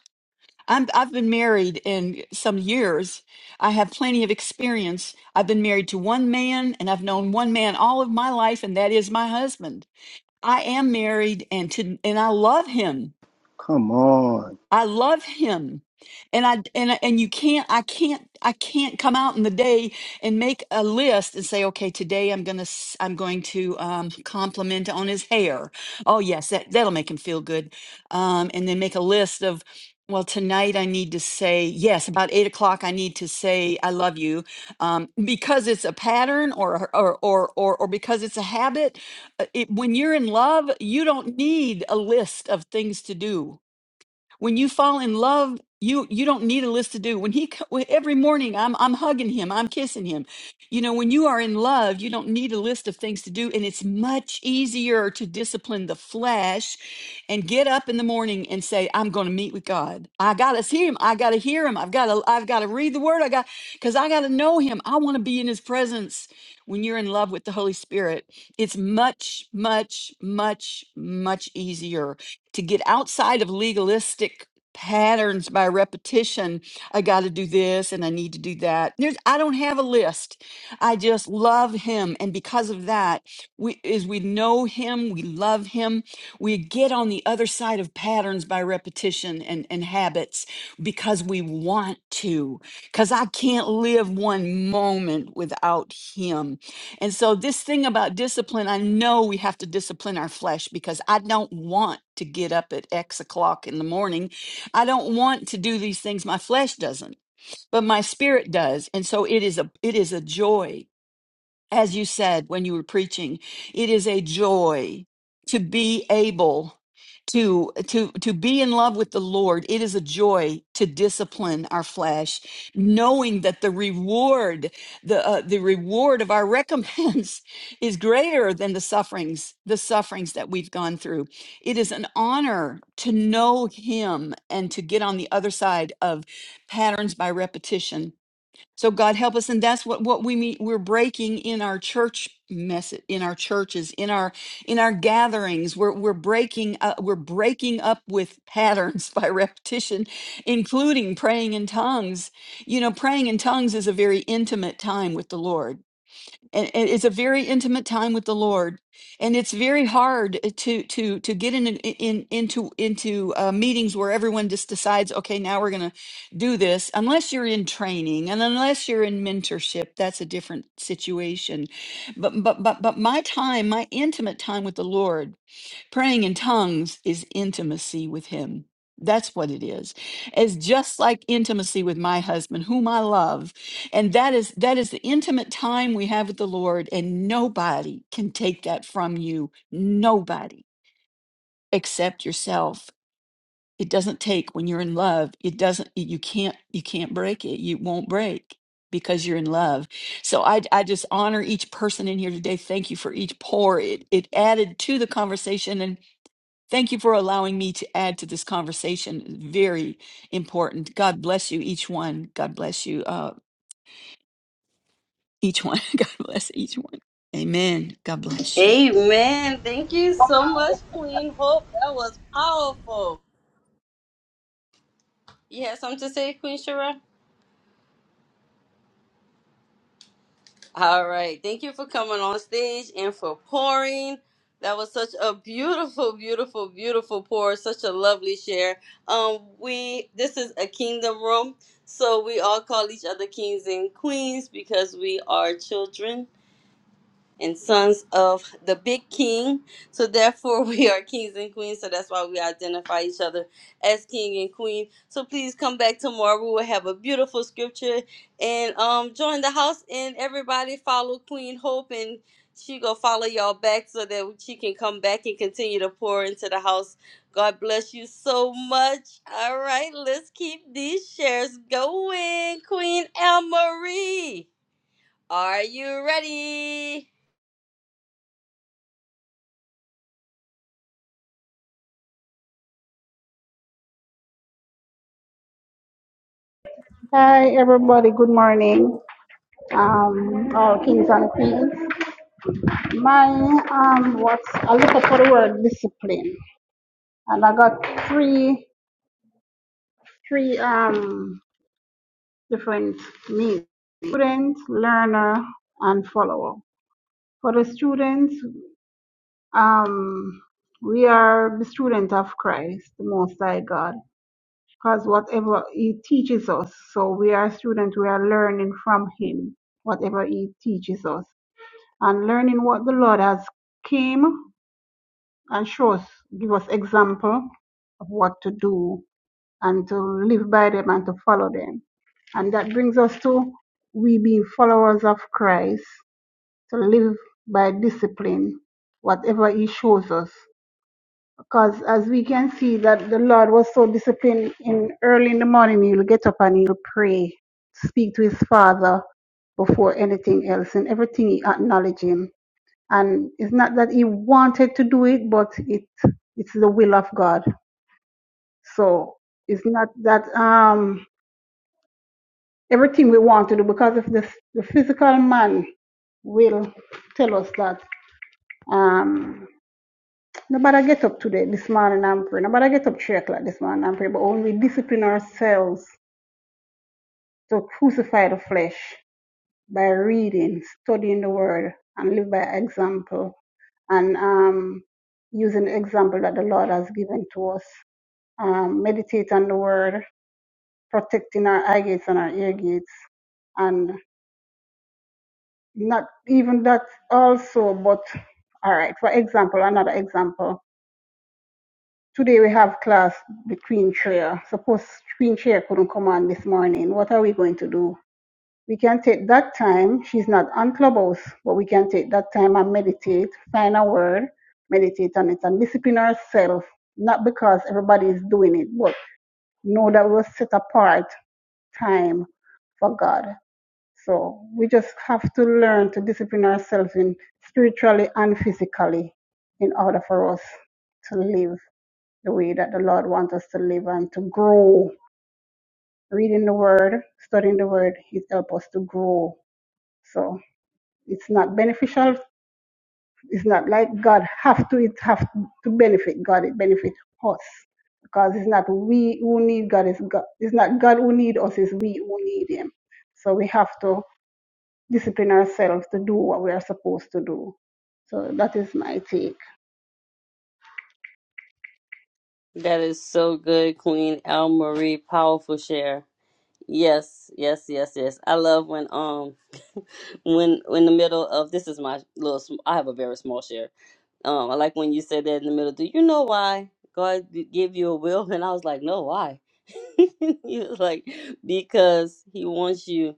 G: I'm, I've been married in some years. I have plenty of experience. I've been married to one man and I've known one man all of my life, and that is my husband. I am married and to, and I love him.
D: Come on.
G: I love him. And I and and you can't I can't I can't come out in the day and make a list and say okay today I'm going to I'm going to um compliment on his hair. Oh yes, that that'll make him feel good. Um and then make a list of well tonight I need to say yes about eight o'clock I need to say I love you um, because it's a pattern or or or or, or because it's a habit. uh, It, when you're in love, you don't need a list of things to do when you fall in love you you don't need a list to do when he co- when- every morning i'm i'm hugging him i'm kissing him you know when you are in love you don't need a list of things to do and it's much easier to discipline the flesh and get up in the morning and say i'm going to meet with god i got to see him i got to hear him i've got to i've got to read the word i got cuz i got to know him i want to be in his presence when you're in love with the holy spirit it's much much much much easier to get outside of legalistic patterns by repetition i got to do this and i need to do that there's i don't have a list i just love him and because of that we is we know him we love him we get on the other side of patterns by repetition and and habits because we want to because i can't live one moment without him and so, this thing about discipline, I know we have to discipline our flesh because I don't want to get up at X o'clock in the morning. I don't want to do these things. My flesh doesn't, but my spirit does. And so, it is a it is a joy as you said when you were preaching it is a joy to be able to to to be in love with the lord it is a joy to discipline our flesh knowing that the reward the uh, the reward of our recompense is greater than the sufferings the sufferings that we've gone through it is an honor to know him and to get on the other side of patterns by repetition so God help us, and that's what what we meet. We're breaking in our church message, in our churches, in our in our gatherings. We're we're breaking uh, we're breaking up with patterns by repetition, including praying in tongues. You know, praying in tongues is a very intimate time with the Lord and, and it's a very intimate time with the Lord, and it's very hard eh, to to to get in, in into into uh, meetings where everyone just decides, okay, now we're going to do this, unless you're in training and unless you're in mentorship. That's a different situation. But but but but my time, my intimate time with the Lord. Praying in tongues is intimacy with Him. That's what it is. It's just like intimacy with my husband, whom I love. And that is that is the intimate time we have with the Lord, and nobody can take that from you. Nobody except yourself. It doesn't take when you're in love. It doesn't you can't you can't break it. You won't break because you're in love. So I, I just honor each person in here today. Thank you for each pour. It, it added to the conversation. and. Thank you for allowing me to add to this conversation. It's Very important. God bless you, each one. God bless you, uh, each one. God bless each one. Amen. God bless you.
A: Amen. Thank you so much, Queen Hope. That was powerful. You have something to say, Queen Shara? All right. Thank you for coming on stage and for pouring. That was such a beautiful, beautiful, beautiful pour. Such a lovely share. Um, we this is a kingdom room, so we all call each other kings and queens because we are children and sons of the big king. So therefore we are kings and queens. So that's why we identify each other as king and queen. So please come back tomorrow. We will have a beautiful scripture and um join the house and everybody follow Queen Hope and she gonna follow y'all back so that she can come back and continue to pour into the house. God bless you so much. All right, let's keep these shares going. Queen Anne Marie, are you ready?
H: Hi everybody, good morning, um, all kings and queens. My um, what's I look up for the word discipline, and I got three three um different meanings: student, learner, and follower. For the students, um, we are the student of Christ, the Most High God, because whatever He teaches us, so we are student, we are learning from Him, whatever He teaches us. and learning what the Lord has came and show us, give us example of what to do and to live by them and to follow them. And that brings us to we being followers of Christ, to live by discipline, whatever He shows us. Because as we can see that the Lord was so disciplined in early in the morning, he'll get up and he'll pray, speak to his father before anything else, and everything he acknowledged him and it's not that he wanted to do it, but it it's the will of God. So it's not that um everything we want to do because if this the physical man will tell us that um nobody get up today this morning I'm praying. Nobody get up three o'clock this morning I'm praying. But when we discipline ourselves to crucify the flesh by reading, studying the word and live by example and um using the example that the Lord has given to us. um, meditate on the word, protecting our eye gates and our ear gates, and not even that also, but all right, for example, another example. Today we have class with Queen Shreya. Suppose Queen Shreya couldn't come on this morning. What are we going to do? We can take that time. She's not on Clubhouse, but we can take that time and meditate, find a word, meditate on it, and discipline ourselves. Not because everybody is doing it, but know that we're set apart time for God. So we just have to learn to discipline ourselves in spiritually and physically in order for us to live the way that the Lord wants us to live and to grow. Reading the word, studying the word, it helps us to grow. So it's not beneficial. It's not like God have to it have to benefit God, it benefit us. Because it's not we who need God, it's God it's not God who need us, it's we who need him. So we have to discipline ourselves to do what we are supposed to do. So that is my take.
A: That is so good, Queen Al Marie. Powerful share. Yes, yes, yes, yes. I love when um when in the middle of this is my little. sm- I have a very small share. Um, I like when you said that in the middle. Do you know why God g- gave you a will? And I was like, no, why? he was like, because He wants you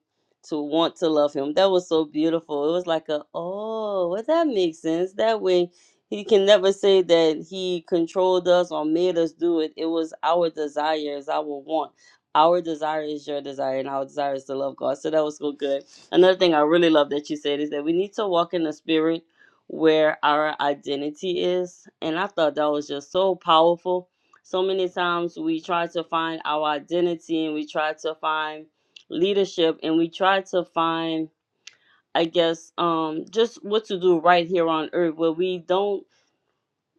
A: to want to love Him. That was so beautiful. It was like a, oh, well, that makes sense. That way, He can never say that He controlled us or made us do it. It was our desires, our want. Our desire is your desire, and our desire is to love God. So that was so good. Another thing I really love that you said is that we need to walk in the Spirit where our identity is. And I thought that was just so powerful. So many times we try to find our identity and we try to find leadership and we try to find, I guess, um, just what to do right here on earth where we don't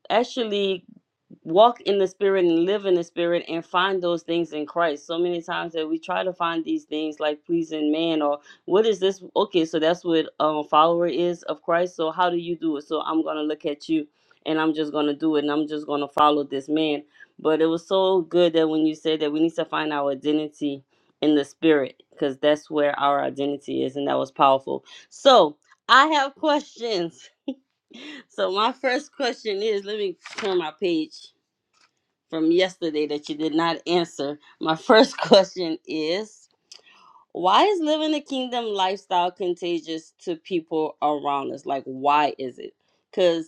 A: actually walk in the spirit and live in the spirit and find those things in Christ. So many times that we try to find these things like pleasing man or what is this? Okay, so that's what um follower is of Christ. So how do you do it? So I'm gonna look at you and I'm just gonna do it and I'm just gonna follow this man. But it was so good that when you said that we need to find our identity in the spirit, because that's where our identity is, and that was powerful. So I have questions. So my first question is let me turn my page from yesterday that you did not answer. My first question is why is living the kingdom lifestyle contagious to people around us? Like, why is it? Because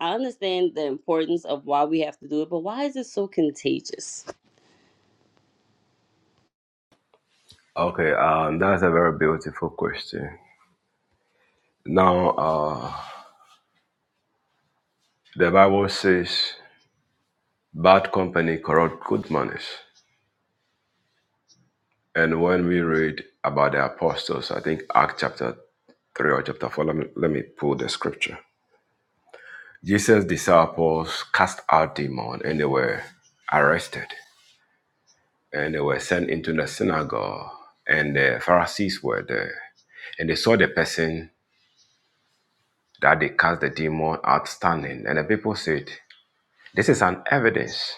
A: I understand the importance of why we have to do it, but why is it so contagious?
C: Okay, um, that's a very beautiful question. Now, uh, the Bible says, "Bad company corrupt good manners." And when we read about the apostles, I think Act chapter three or chapter four. Let me let me pull the scripture. Jesus' disciples cast out demons and they were arrested. and they were sent into the synagogue, and the Pharisees were there, and they saw the person that they cast the demon out standing, and the people said, "This is an evidence."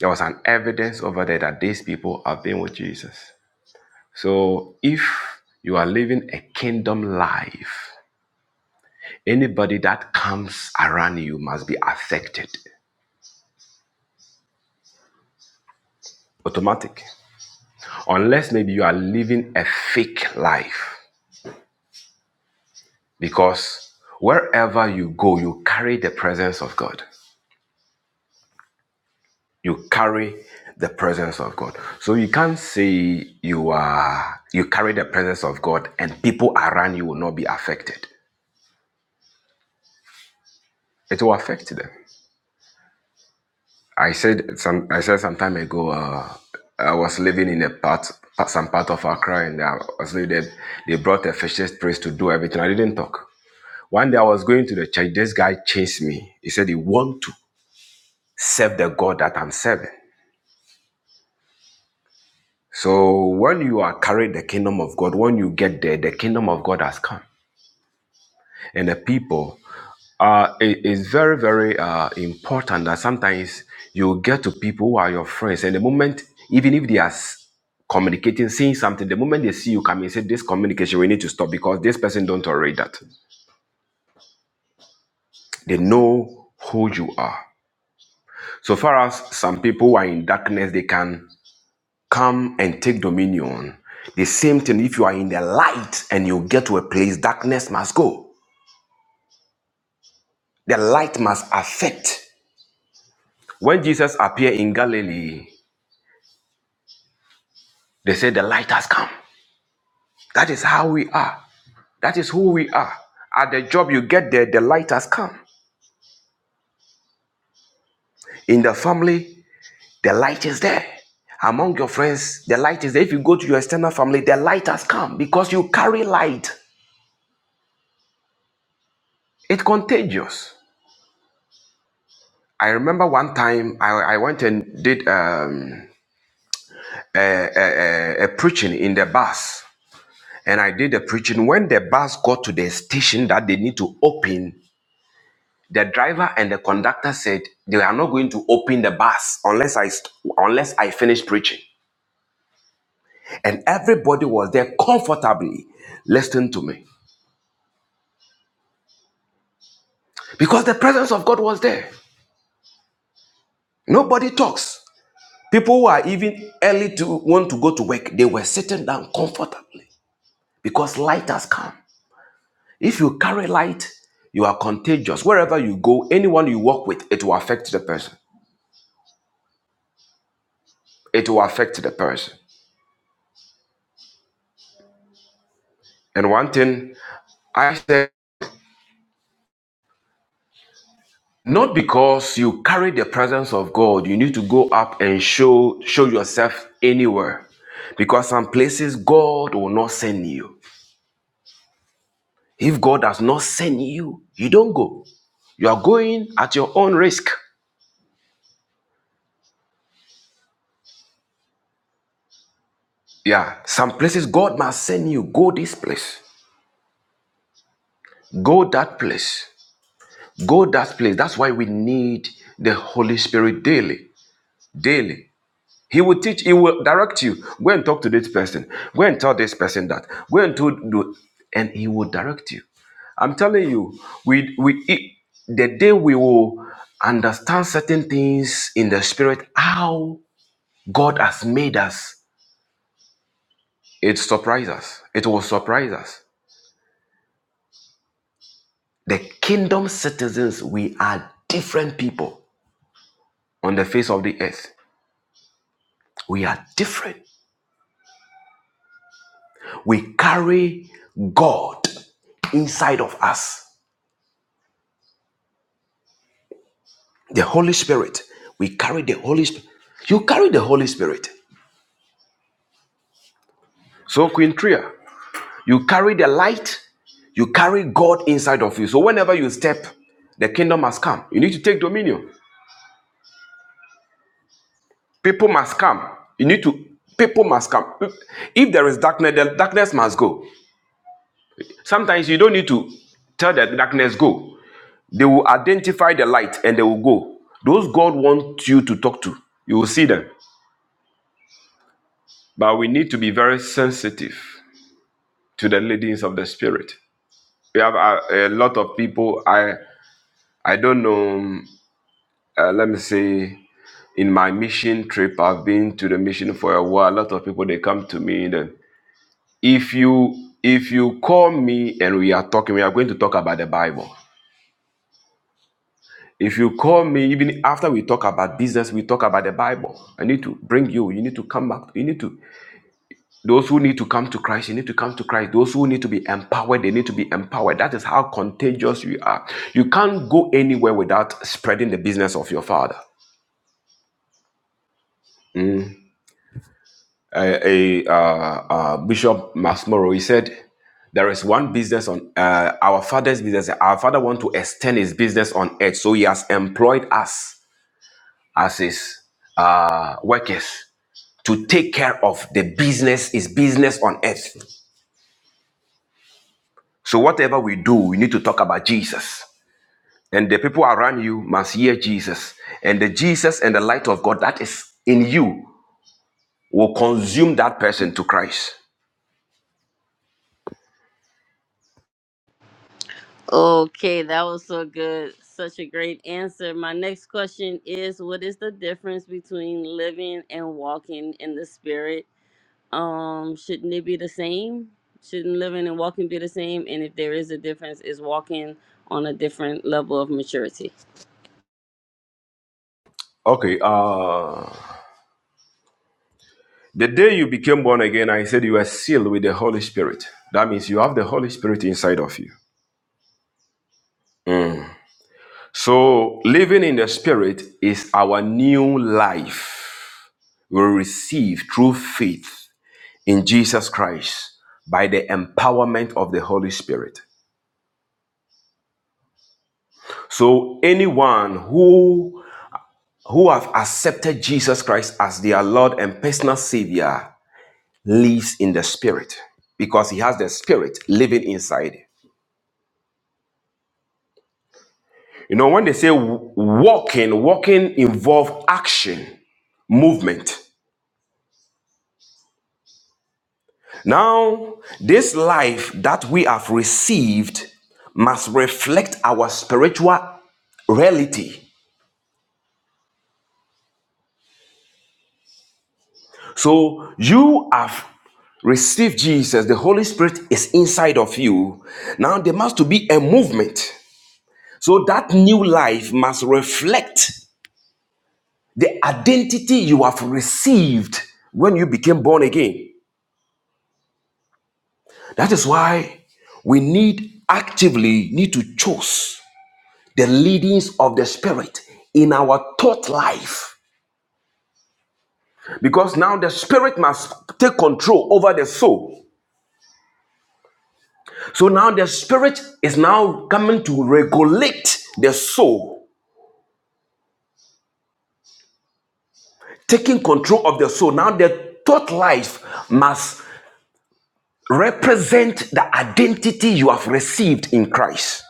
C: There was an evidence over there that these people have been with Jesus. So if you are living a kingdom life, anybody that comes around you must be affected. Automatic. Unless maybe you are living a fake life Because wherever you go, you carry the presence of God. You carry the presence of God. So you can't say you are you carry the presence of God and people around you will not be affected. It will affect them. I said some I said some time ago uh, I was living in a part some part of Accra and I was living there. They brought a fascist priest to do everything. I didn't talk. One day I was going to the church. This guy chased me. He said he want to serve the God that I'm serving. So when you are carrying the kingdom of God, when you get there, the kingdom of God has come, and the people. Uh, it is very very uh, important that sometimes you get to people who are your friends, and the moment, even if they are s- communicating, saying something, the moment they see you coming, say this communication we need to stop because this person don't tolerate that. They know who you are. So far as some people who are in darkness, they can. come and take dominion. The same thing, if you are in the light and you get to a place, darkness must go. The light must affect. When Jesus appeared in Galilee, they said, The light has come. That is how we are. That is who we are. At the job you get there, the light has come. In the family, the light is there. Among your friends, the light is there. If you go to your external family, the light has come because you carry light. It's contagious. I remember one time I, I went and did a a, a, a, preaching in the bus. And I did the preaching. When the bus got to the station that they need to open, the driver and the conductor said they are not going to open the bus unless I st- unless I finish preaching. And everybody was there comfortably listening to me because the presence of God was there. Nobody talks. People who are even early to want to go to work, they were sitting down comfortably because light has come. If you carry light, you are contagious. Wherever you go, anyone you walk with, it will affect the person. It will affect the person. And one thing I said, not because you carry the presence of God, you need to go up and show show yourself anywhere. Because some places God will not send you. If God does not send you, you don't go. You are going at your own risk. Yeah, some places God must send you. Go this place, go that place. Go that place. That's why we need the Holy Spirit daily. Daily. He will teach, he will direct you. Go and talk to this person. Go and tell this person that. Go and to do and he will direct you. I'm telling you, we we it- the day we will understand certain things in the spirit, how God has made us, it surprises us. It will surprise us. The kingdom citizens, we are different people on the face of the earth. We are different. We carry God inside of us. The Holy Spirit. We carry the Holy Spirit. You carry the Holy Spirit. So, Queen Tria, you carry the light, you carry God inside of you. So, whenever you step, the kingdom must come. You need to take dominion. People must come. You need to, people must come. If there is darkness, the darkness must go. Sometimes you don't need to tell the darkness go. They will identify the light and they will go. Those God wants you to talk to, you will see them. But we need to be very sensitive to the leadings of the Spirit. We have a, a lot of people. I I don't know. Uh, let me say, in my mission trip, I've been to the mission for a while. A lot of people they come to me. Then, if you if you call me and we are talking, we are going to talk about the Bible. If you call me, even after we talk about business, we talk about the Bible. I need to bring you. You need to come back. You need to, those who need to come to Christ, you need to come to Christ. Those who need to be empowered, they need to be empowered. That is how contagious you are. You can't go anywhere without spreading the business of your father. A, a uh, uh, Bishop Masmoro, he said, there is one business on uh, our father's business. Our father want to extend his business on earth, so he has employed us as his uh, workers. to take care of the business is business on earth. So whatever we do, we need to talk about Jesus. And the people around you must hear Jesus. And the Jesus and the light of God that is in you will consume that person to Christ.
A: Okay, that was so good. Such a great answer. My next question is What is the difference between living and walking in the spirit? um shouldn't it be the same shouldn't living and walking be the same and if there is a difference is walking on a different level of maturity
C: Okay, uh the day you became born again, I said you were sealed with the Holy Spirit. That means you have the Holy Spirit inside of you. So living in the spirit is our new life we receive through faith in Jesus Christ by the empowerment of the Holy Spirit. So anyone who who have accepted Jesus Christ as their Lord and personal savior lives in the spirit because he has the spirit living inside. You know when they say walking, walking involves action, movement. Now, this life that we have received must reflect our spiritual reality So you have received Jesus, the Holy Spirit is inside of you. Now there must to be a movement. So that new life must reflect the identity you have received when you became born again. That is why we need actively need to choose the leadings of the spirit in our thought life because now the spirit must take control over the soul So now the spirit is now coming to regulate the soul, taking control of the soul. Now the thought life must represent the identity you have received in Christ.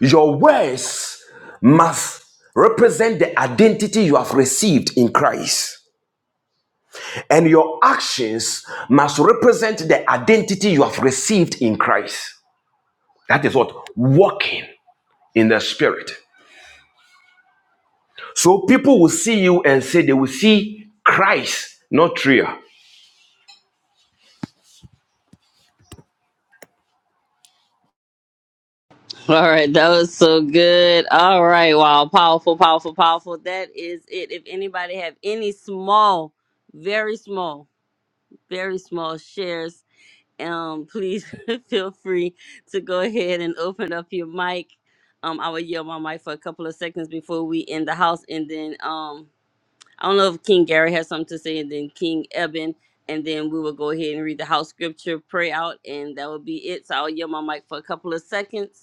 C: Your words must represent the identity you have received in Christ. And your actions must represent the identity you have received in Christ. That is what walking in the spirit. So people will see you and say they will see Christ, not Tria.
A: all right that was so good all right wow powerful powerful powerful that is it if anybody have any small very small very small shares um please feel free to go ahead and open up your mic um i will yield my mic for a couple of seconds before we end the house and then um I don't know if King Gary has something to say, and then King Eben, and then we will go ahead and read the house scripture, pray out, and that will be it. So I'll yield my mic for a couple of seconds.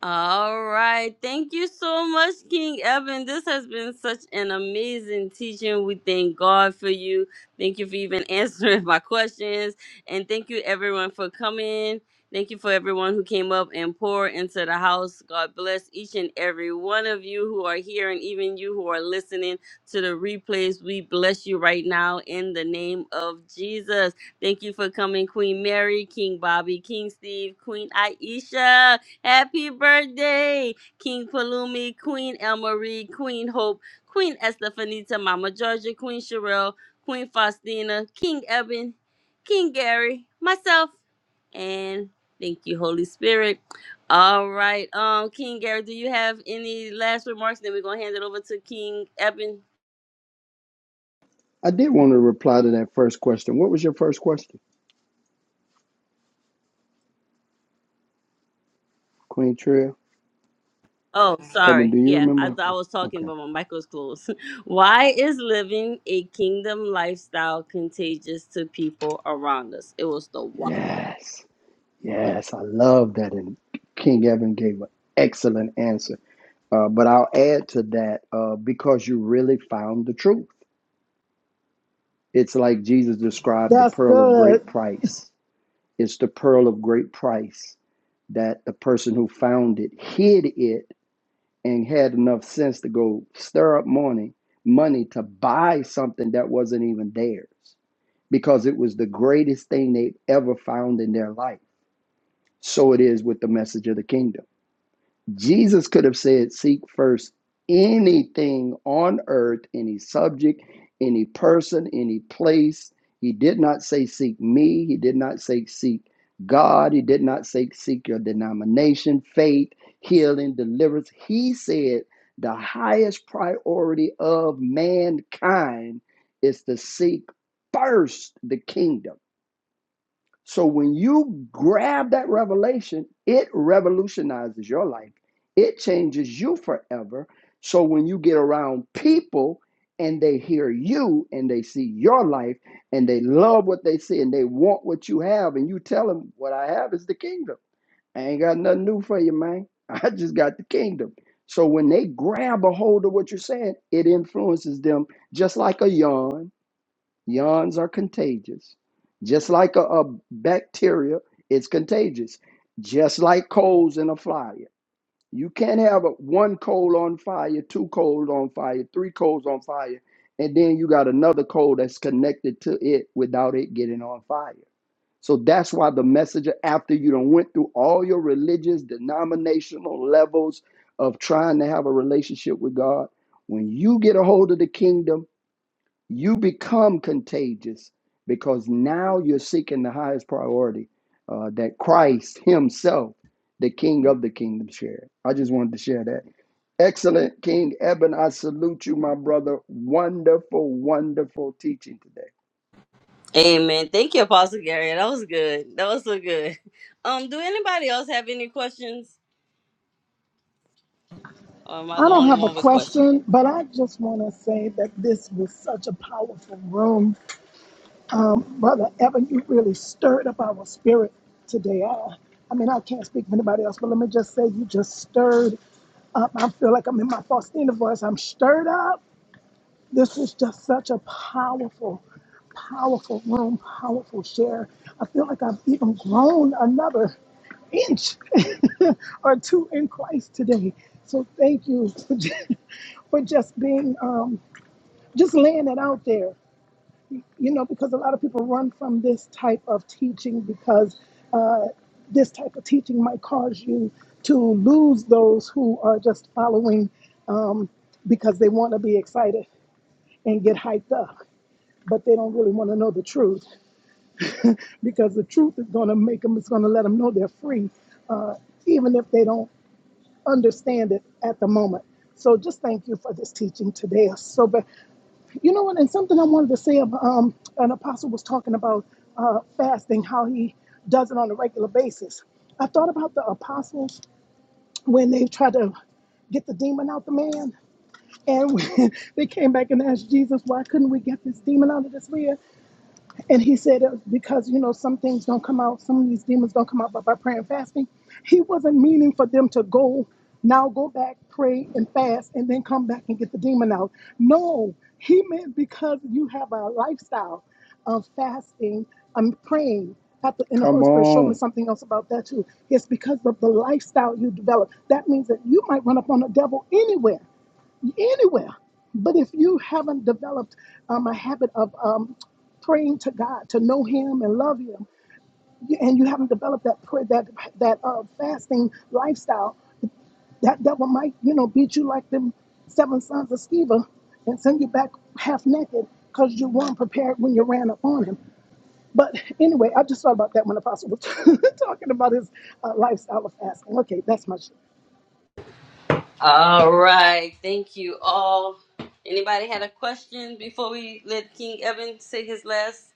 A: All right. Thank you so much, King Evan. This has been such an amazing teaching. We thank God for you. Thank you for even answering my questions. And thank you, everyone, for coming. Thank you for everyone who came up and poured into the house. God bless each and every one of you who are here and even you who are listening to the replays. We bless you right now in the name of Jesus. Thank you for coming, Queen Mary, King Bobby, King Steve, Queen Aisha. Happy birthday, King Palumi, Queen Elmarie, Queen Hope, Queen Estefanita, Mama Georgia, Queen Sherelle, Queen Faustina, King Eben, King Gary, myself, and thank you, Holy Spirit. All right, um, King Gary, do you have any last remarks? Then we're gonna hand it over to King Eben.
D: I did want to reply to that first question. What was your first question, Queen Trill?
A: Oh,
D: Evan,
A: sorry.
D: do you
A: Yeah, I
D: remember?
A: thought I was talking
D: Okay.
A: about my Michael's clothes. Why is living a kingdom lifestyle contagious to people around us? It was the why.
D: Yes. Yes. I love that. And King Evan gave an excellent answer. Uh, but I'll add to that uh, because you really found the truth. It's like Jesus described the pearl of great price. It's the pearl of great price that the person who found it hid it and had enough sense to go stir up money, money to buy something that wasn't even theirs because it was the greatest thing they've ever found in their life. So it is with the message of the kingdom. Jesus could have said, Seek first anything on earth, any subject, any person, any place. He did not say, Seek me. He did not say, Seek God. He did not say, Seek your denomination, faith, healing, deliverance. He said, The highest priority of mankind is to seek first the kingdom. So when you grab that revelation, it revolutionizes your life. It changes you forever. So when you get around people and they hear you and they see your life and they love what they see and they want what you have, and you tell them, What I have is the kingdom. I ain't got nothing new for you, man. I just got the kingdom. So when they grab a hold of what you're saying, it influences them just like a yarn Yawns are contagious. Just like a, a bacteria, it's contagious. Just like coals in a fire. You can't have a, one coal on fire, two coals on fire, three coals on fire, and then you got another coal that's connected to it without it getting on fire. So that's why the messenger, after you done went through all your religious, denominational levels of trying to have a relationship with God, when you get a hold of the kingdom, you become contagious because now you're seeking the highest priority uh, that Christ Himself, the King of the kingdom, shared. I just wanted to share that. Excellent King Eben, I salute you, my brother. Wonderful, wonderful teaching today.
A: Amen. Thank you, Apostle Gary. That was good. That was so good. Um, do anybody else have any questions? Or am I
F: I
A: the
F: don't
A: only
F: have a
A: one with questions?
F: question, but I just want to say that this was such a powerful room. Um, Brother Evan, you really stirred up our spirit today. I, I mean, I can't speak for anybody else, but let me just say you just stirred up. I feel like I'm in my Faustina voice. I'm stirred up. This was just such a powerful, powerful room, powerful share. I feel like I've even grown another inch or two in Christ today. So thank you for just, for just being, um, just laying it out there you know, because a lot of people run from this type of teaching because uh, this type of teaching might cause you to lose those who are just following um, because they want to be excited and get hyped up, but they don't really want to know the truth because the truth is going to make them, it's going to let them know they're free, uh, even if they don't understand it at the moment. So just thank you for this teaching today, Sobe You know what? And something I wanted to say about um, an apostle was talking about uh, fasting, how he does it on a regular basis. I thought about the apostles when they tried to get the demon out the man, and when they came back and asked Jesus, "Why couldn't we get this demon out of this man?" And he said, it because, you know, some things don't come out, some of these demons don't come out, but by prayer and fasting, he wasn't meaning for them to go, now go back, pray and fast, and then come back and get the demon out. No, he meant because you have a lifestyle of fasting and praying. After, and the
D: Come
F: Holy Spirit showed me
D: on,
F: something else about that too. It's because of the lifestyle you develop. That means that you might run up on the devil anywhere anywhere. But if you haven't developed um, a habit of um, praying to God to know Him and love Him, you- and you haven't developed that prayer, that that uh, fasting lifestyle, that devil might you know beat you like them seven sons of Sceva and send you back half naked because you weren't prepared when you ran up on him. But anyway, I just thought about that when Apostle was talking about his uh, lifestyle of fasting. Okay, that's my much.
A: All right. Thank you all. Anybody had a question before we let King Evan say his last?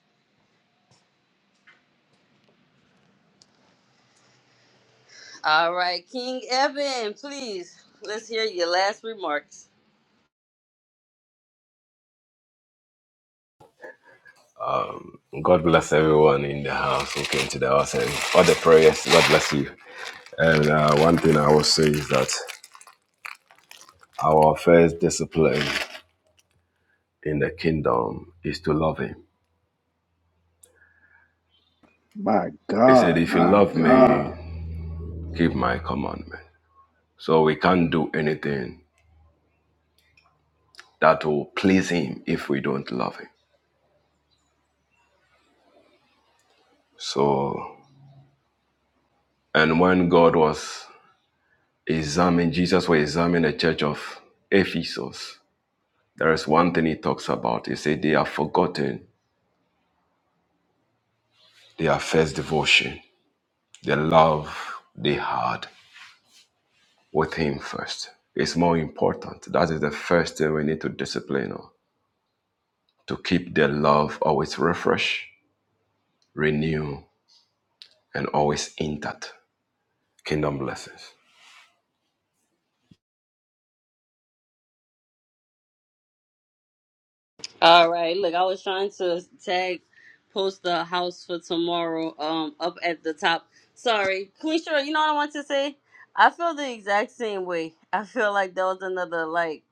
A: All right, King Evan, please, let's hear your last remarks.
C: God bless everyone in the house who came to the house and all the prayers. God bless you. And uh, one thing I will say is that our first discipline in the kingdom is to love Him.
D: my
C: He said,
D: God.
C: If you love me, keep my commandment. So we can't do anything that will please Him if we don't love Him. So, and when God was examining, Jesus was examining the church of Ephesus, There is one thing he talks about. He said they have forgotten their first devotion, the love they had with him first. It's more important. That is the first thing we need to discipline on to keep the love always refresh, renew, and always intact. Kingdom blessings.
A: All right. Look, I was trying to tag post the house for tomorrow um up at the top. Sorry. Queen Shura, you know what I want to say? I feel the exact same way. I feel like there was another like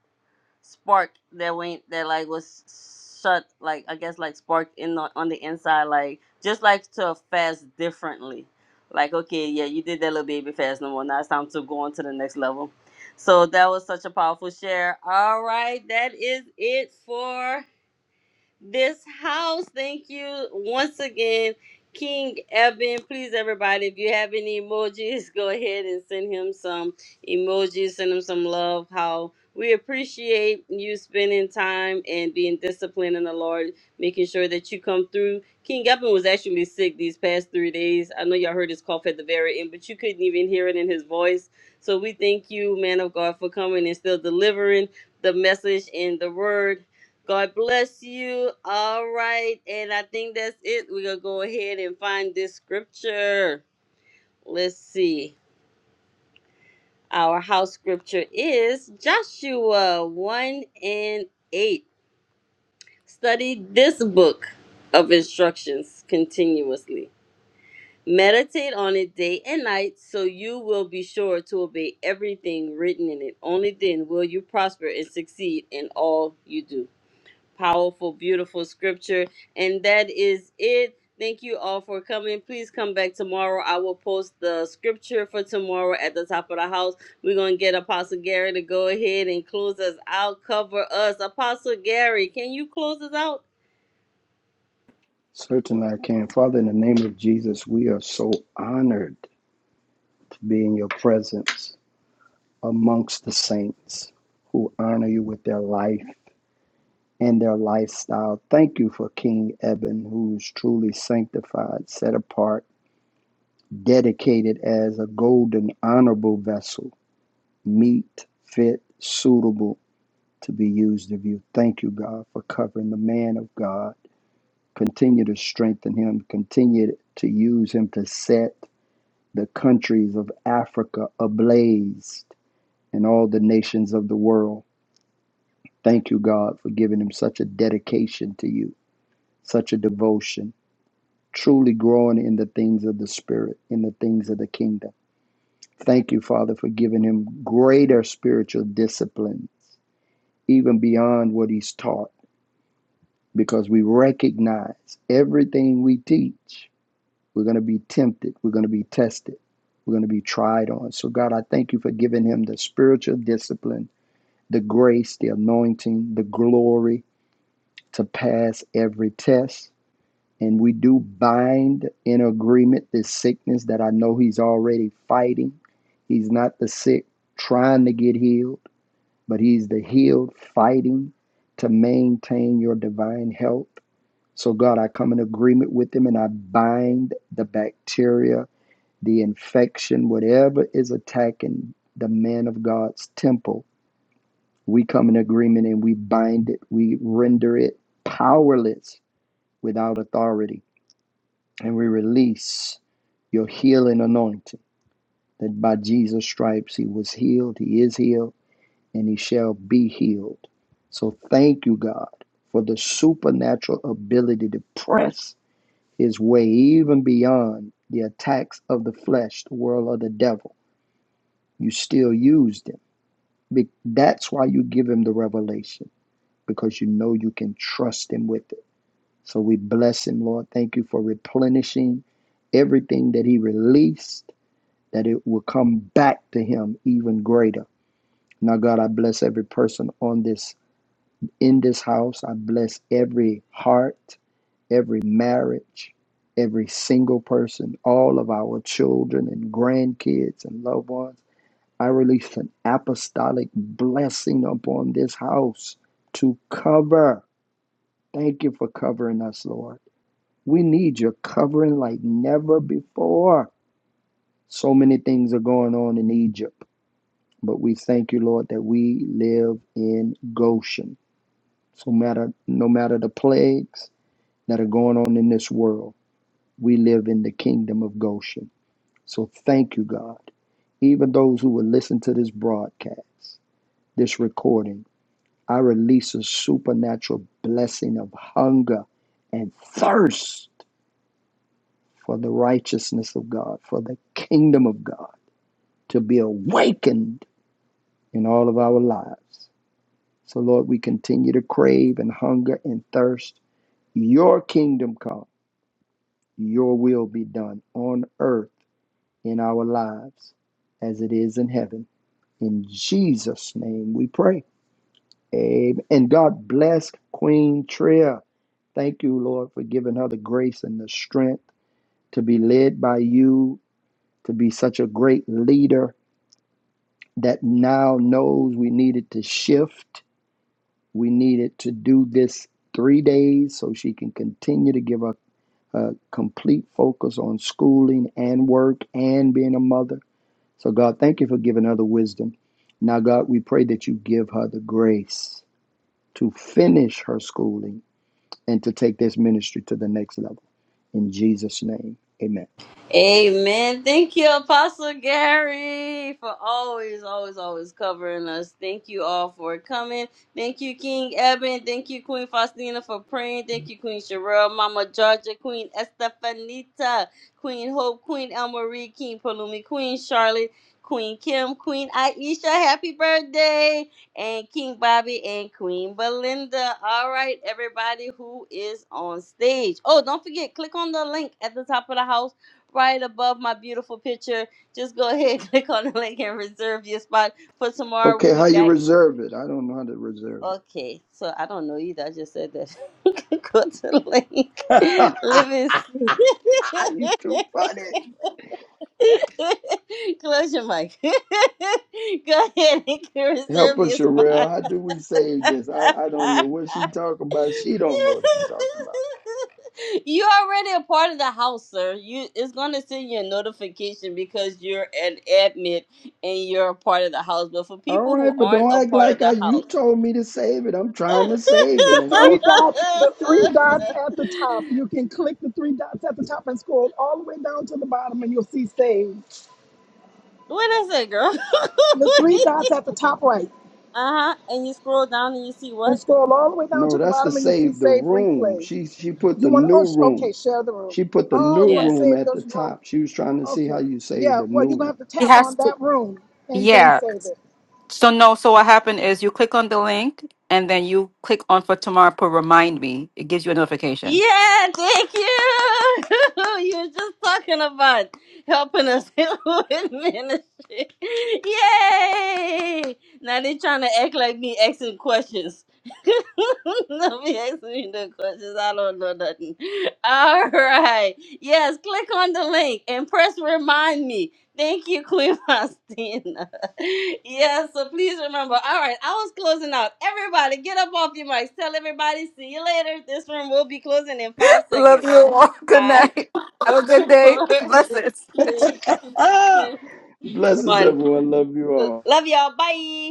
A: spark that went that like was shut like I guess like sparked in the, on the inside like just like to fast differently. Like okay, yeah, you did that little baby fast no more. Now it's time to go on to the next level. So that was such a powerful share. All right, that is it for this house. Thank you once again, King Eben. Please, everybody, if you have any emojis, go ahead and send him some emojis, send him some love. How we appreciate you spending time and being disciplined in the Lord, making sure that you come through. King Eben was actually sick these past three days. I know y'all heard his cough at the very end, but you couldn't even hear it in his voice. So we thank you, man of God, for coming and still delivering the message and the word God bless you. All right. And I think that's it. We're going to go ahead and find this scripture. Let's see. Our house scripture is Joshua 1 and 8. Study this book of instructions continuously. Meditate on it day and night so you will be sure to obey everything written in it. Only then will you prosper and succeed in all you do. Powerful, beautiful scripture. And that is it. Thank you all for coming. Please come back tomorrow. I will post the scripture for tomorrow at the top of the house. We're going to get Apostle Gary to go ahead and close us out, cover us. Apostle Gary, can you close us out?
D: Certainly I can. Father, in the name of Jesus, we are so honored to be in your presence amongst the saints who honor you with their life and their lifestyle. Thank you for King Eben, who's truly sanctified, set apart, dedicated as a golden, honorable vessel, meet, fit, suitable to be used of you. Thank you, God, for covering the man of God. Continue to strengthen him, continue to use him to set the countries of Africa ablaze and all the nations of the world. Thank you, God, for giving him such a dedication to you, such a devotion. truly growing in the things of the Spirit, in the things of the kingdom. Thank you, Father, for giving him greater spiritual disciplines, even beyond what he's taught, because we recognize everything we teach, we're going to be tempted, we're going to be tested, we're going to be tried on. So, God, I thank you for giving him the spiritual discipline, the grace, the anointing, the glory to pass every test And we do bind in agreement this sickness that I know he's already fighting. He's not the sick trying to get healed, but he's the healed fighting to maintain your divine health. So, God, I come in agreement with him and I bind the bacteria, the infection, whatever is attacking the man of God's temple. We come in agreement and we bind it, we render it powerless without authority. And we release your healing anointing that by Jesus' stripes he was healed, he is healed, and he shall be healed. So thank you, God, for the supernatural ability to press his way even beyond the attacks of the flesh, the world, or the devil. You still used him. That's why you give him the revelation, because you know you can trust him with it. So we bless him, Lord. Thank you for replenishing everything that he released that it will come back to him even greater. Now, God, I bless every person on this in this house. I bless every heart, every marriage, every single person, all of our children and grandkids and loved ones. I release an apostolic blessing upon this house to cover. Thank you for covering us, Lord. We need your covering like never before. So many things are going on in Egypt But we thank you, Lord, that we live in Goshen. So matter no matter the plagues that are going on in this world, we live in the kingdom of Goshen. So thank you, God. Even those who will listen to this broadcast, this recording, I release a supernatural blessing of hunger and thirst for the righteousness of God, for the kingdom of God to be awakened in all of our lives. So, Lord, we continue to crave and hunger and thirst. Your kingdom come, your will be done on earth in our lives as it is in heaven. In Jesus' name we pray. Amen. And God bless Queen Tria. Thank you, Lord, for giving her the grace and the strength to be led by you, to be such a great leader that now knows we needed to shift We needed to do this three days so she can continue to give a, a complete focus on schooling and work and being a mother. So, God, thank you for giving her the wisdom. Now, God, we pray that you give her the grace to finish her schooling and to take this ministry to the next level. In Jesus' name, amen.
A: Amen. Thank you, Apostle Gary, for always, always, always covering us. Thank you all for coming. Thank you, King Eben. Thank you, Queen Faustina, for praying. Thank you, Queen Sherelle, Mama Georgia, Queen Estefanita, Queen Hope, Queen Elmarie, King Palumi, Queen Charlotte, Queen Kim, Queen Aisha. Happy birthday! And King Bobby and Queen Belinda. All right, everybody who is on stage. Oh, don't forget, click on the link at the top of the house right above my beautiful picture. Just go ahead, and click on the link and reserve your spot for tomorrow. We'll
D: Okay, how
A: be
D: you
A: back.
D: reserve it? I don't know how to reserve
A: Okay, so I don't know either. I just said that. go to the link.
D: it.
A: Live in
D: you too funny.
A: Close your mic. go ahead and
D: Help
A: reserve your
D: us,
A: spot.
D: Sherelle. How do we save this? I, I don't know what she talking about. She don't know what she talking about.
A: you already a part of the house, sir. You it's gonna send you a notification because you're an admin and you're a part of the house. But for
D: All
A: people who
D: right, but
A: aren't
D: don't
A: a
D: act
A: part of
D: like
A: the
D: I, you
A: house,
D: told me to save it. I'm trying to save it,
F: The
D: and I
F: three
D: don't.
F: dots, the three dots at the top. You can click the three dots at the top and scroll all the way down to the bottom, and you'll see save.
A: what is it, girl?
F: The three
A: uh
F: dots at the top right,
A: huh. And you scroll down and you see
F: and
A: what?
F: scroll all the way down to
D: No,
F: the
D: that's to
F: bottom, and you'll see
D: save the
F: save
D: room.
F: replay.
D: She she put
F: You
D: the
F: want to? Oh,
D: new
F: sh- okay.
D: room.
F: Share the room.
D: She put the
F: Oh, you
D: new
A: Yeah.
F: want to
D: room
F: save
D: at the
F: this room?
D: top. She was trying to see how
F: Okay.
D: you save
F: Yeah.
D: the
F: Well,
D: new
F: you're gonna have
D: room.
F: to
B: He
F: tap
B: has
F: on
B: to.
F: that room and then
B: Yeah.
F: save it.
B: So no, so what happened is you click on the link and then you click on for tomorrow for remind me. It gives you a notification.
A: Yeah, thank you. you were just talking about helping us with ministry. Yay! Now they trying to act like me asking questions. Don't be asking me no questions. I don't know nothing. All right. Yes, click on the link and press remind me. Thank you, Queen Faustina yeah, so please remember. All right, I was closing out. Everybody, get up off your mics. Tell everybody, see you later. This room will be closing in five
B: Love
A: seconds.
B: you all. Good
A: Five,
B: night. Have a good day.
A: four,
B: Blessings.
A: three,
D: Ah,
A: two,
D: blesses
A: one.
D: everyone. Love you all.
A: Love y'all. Bye.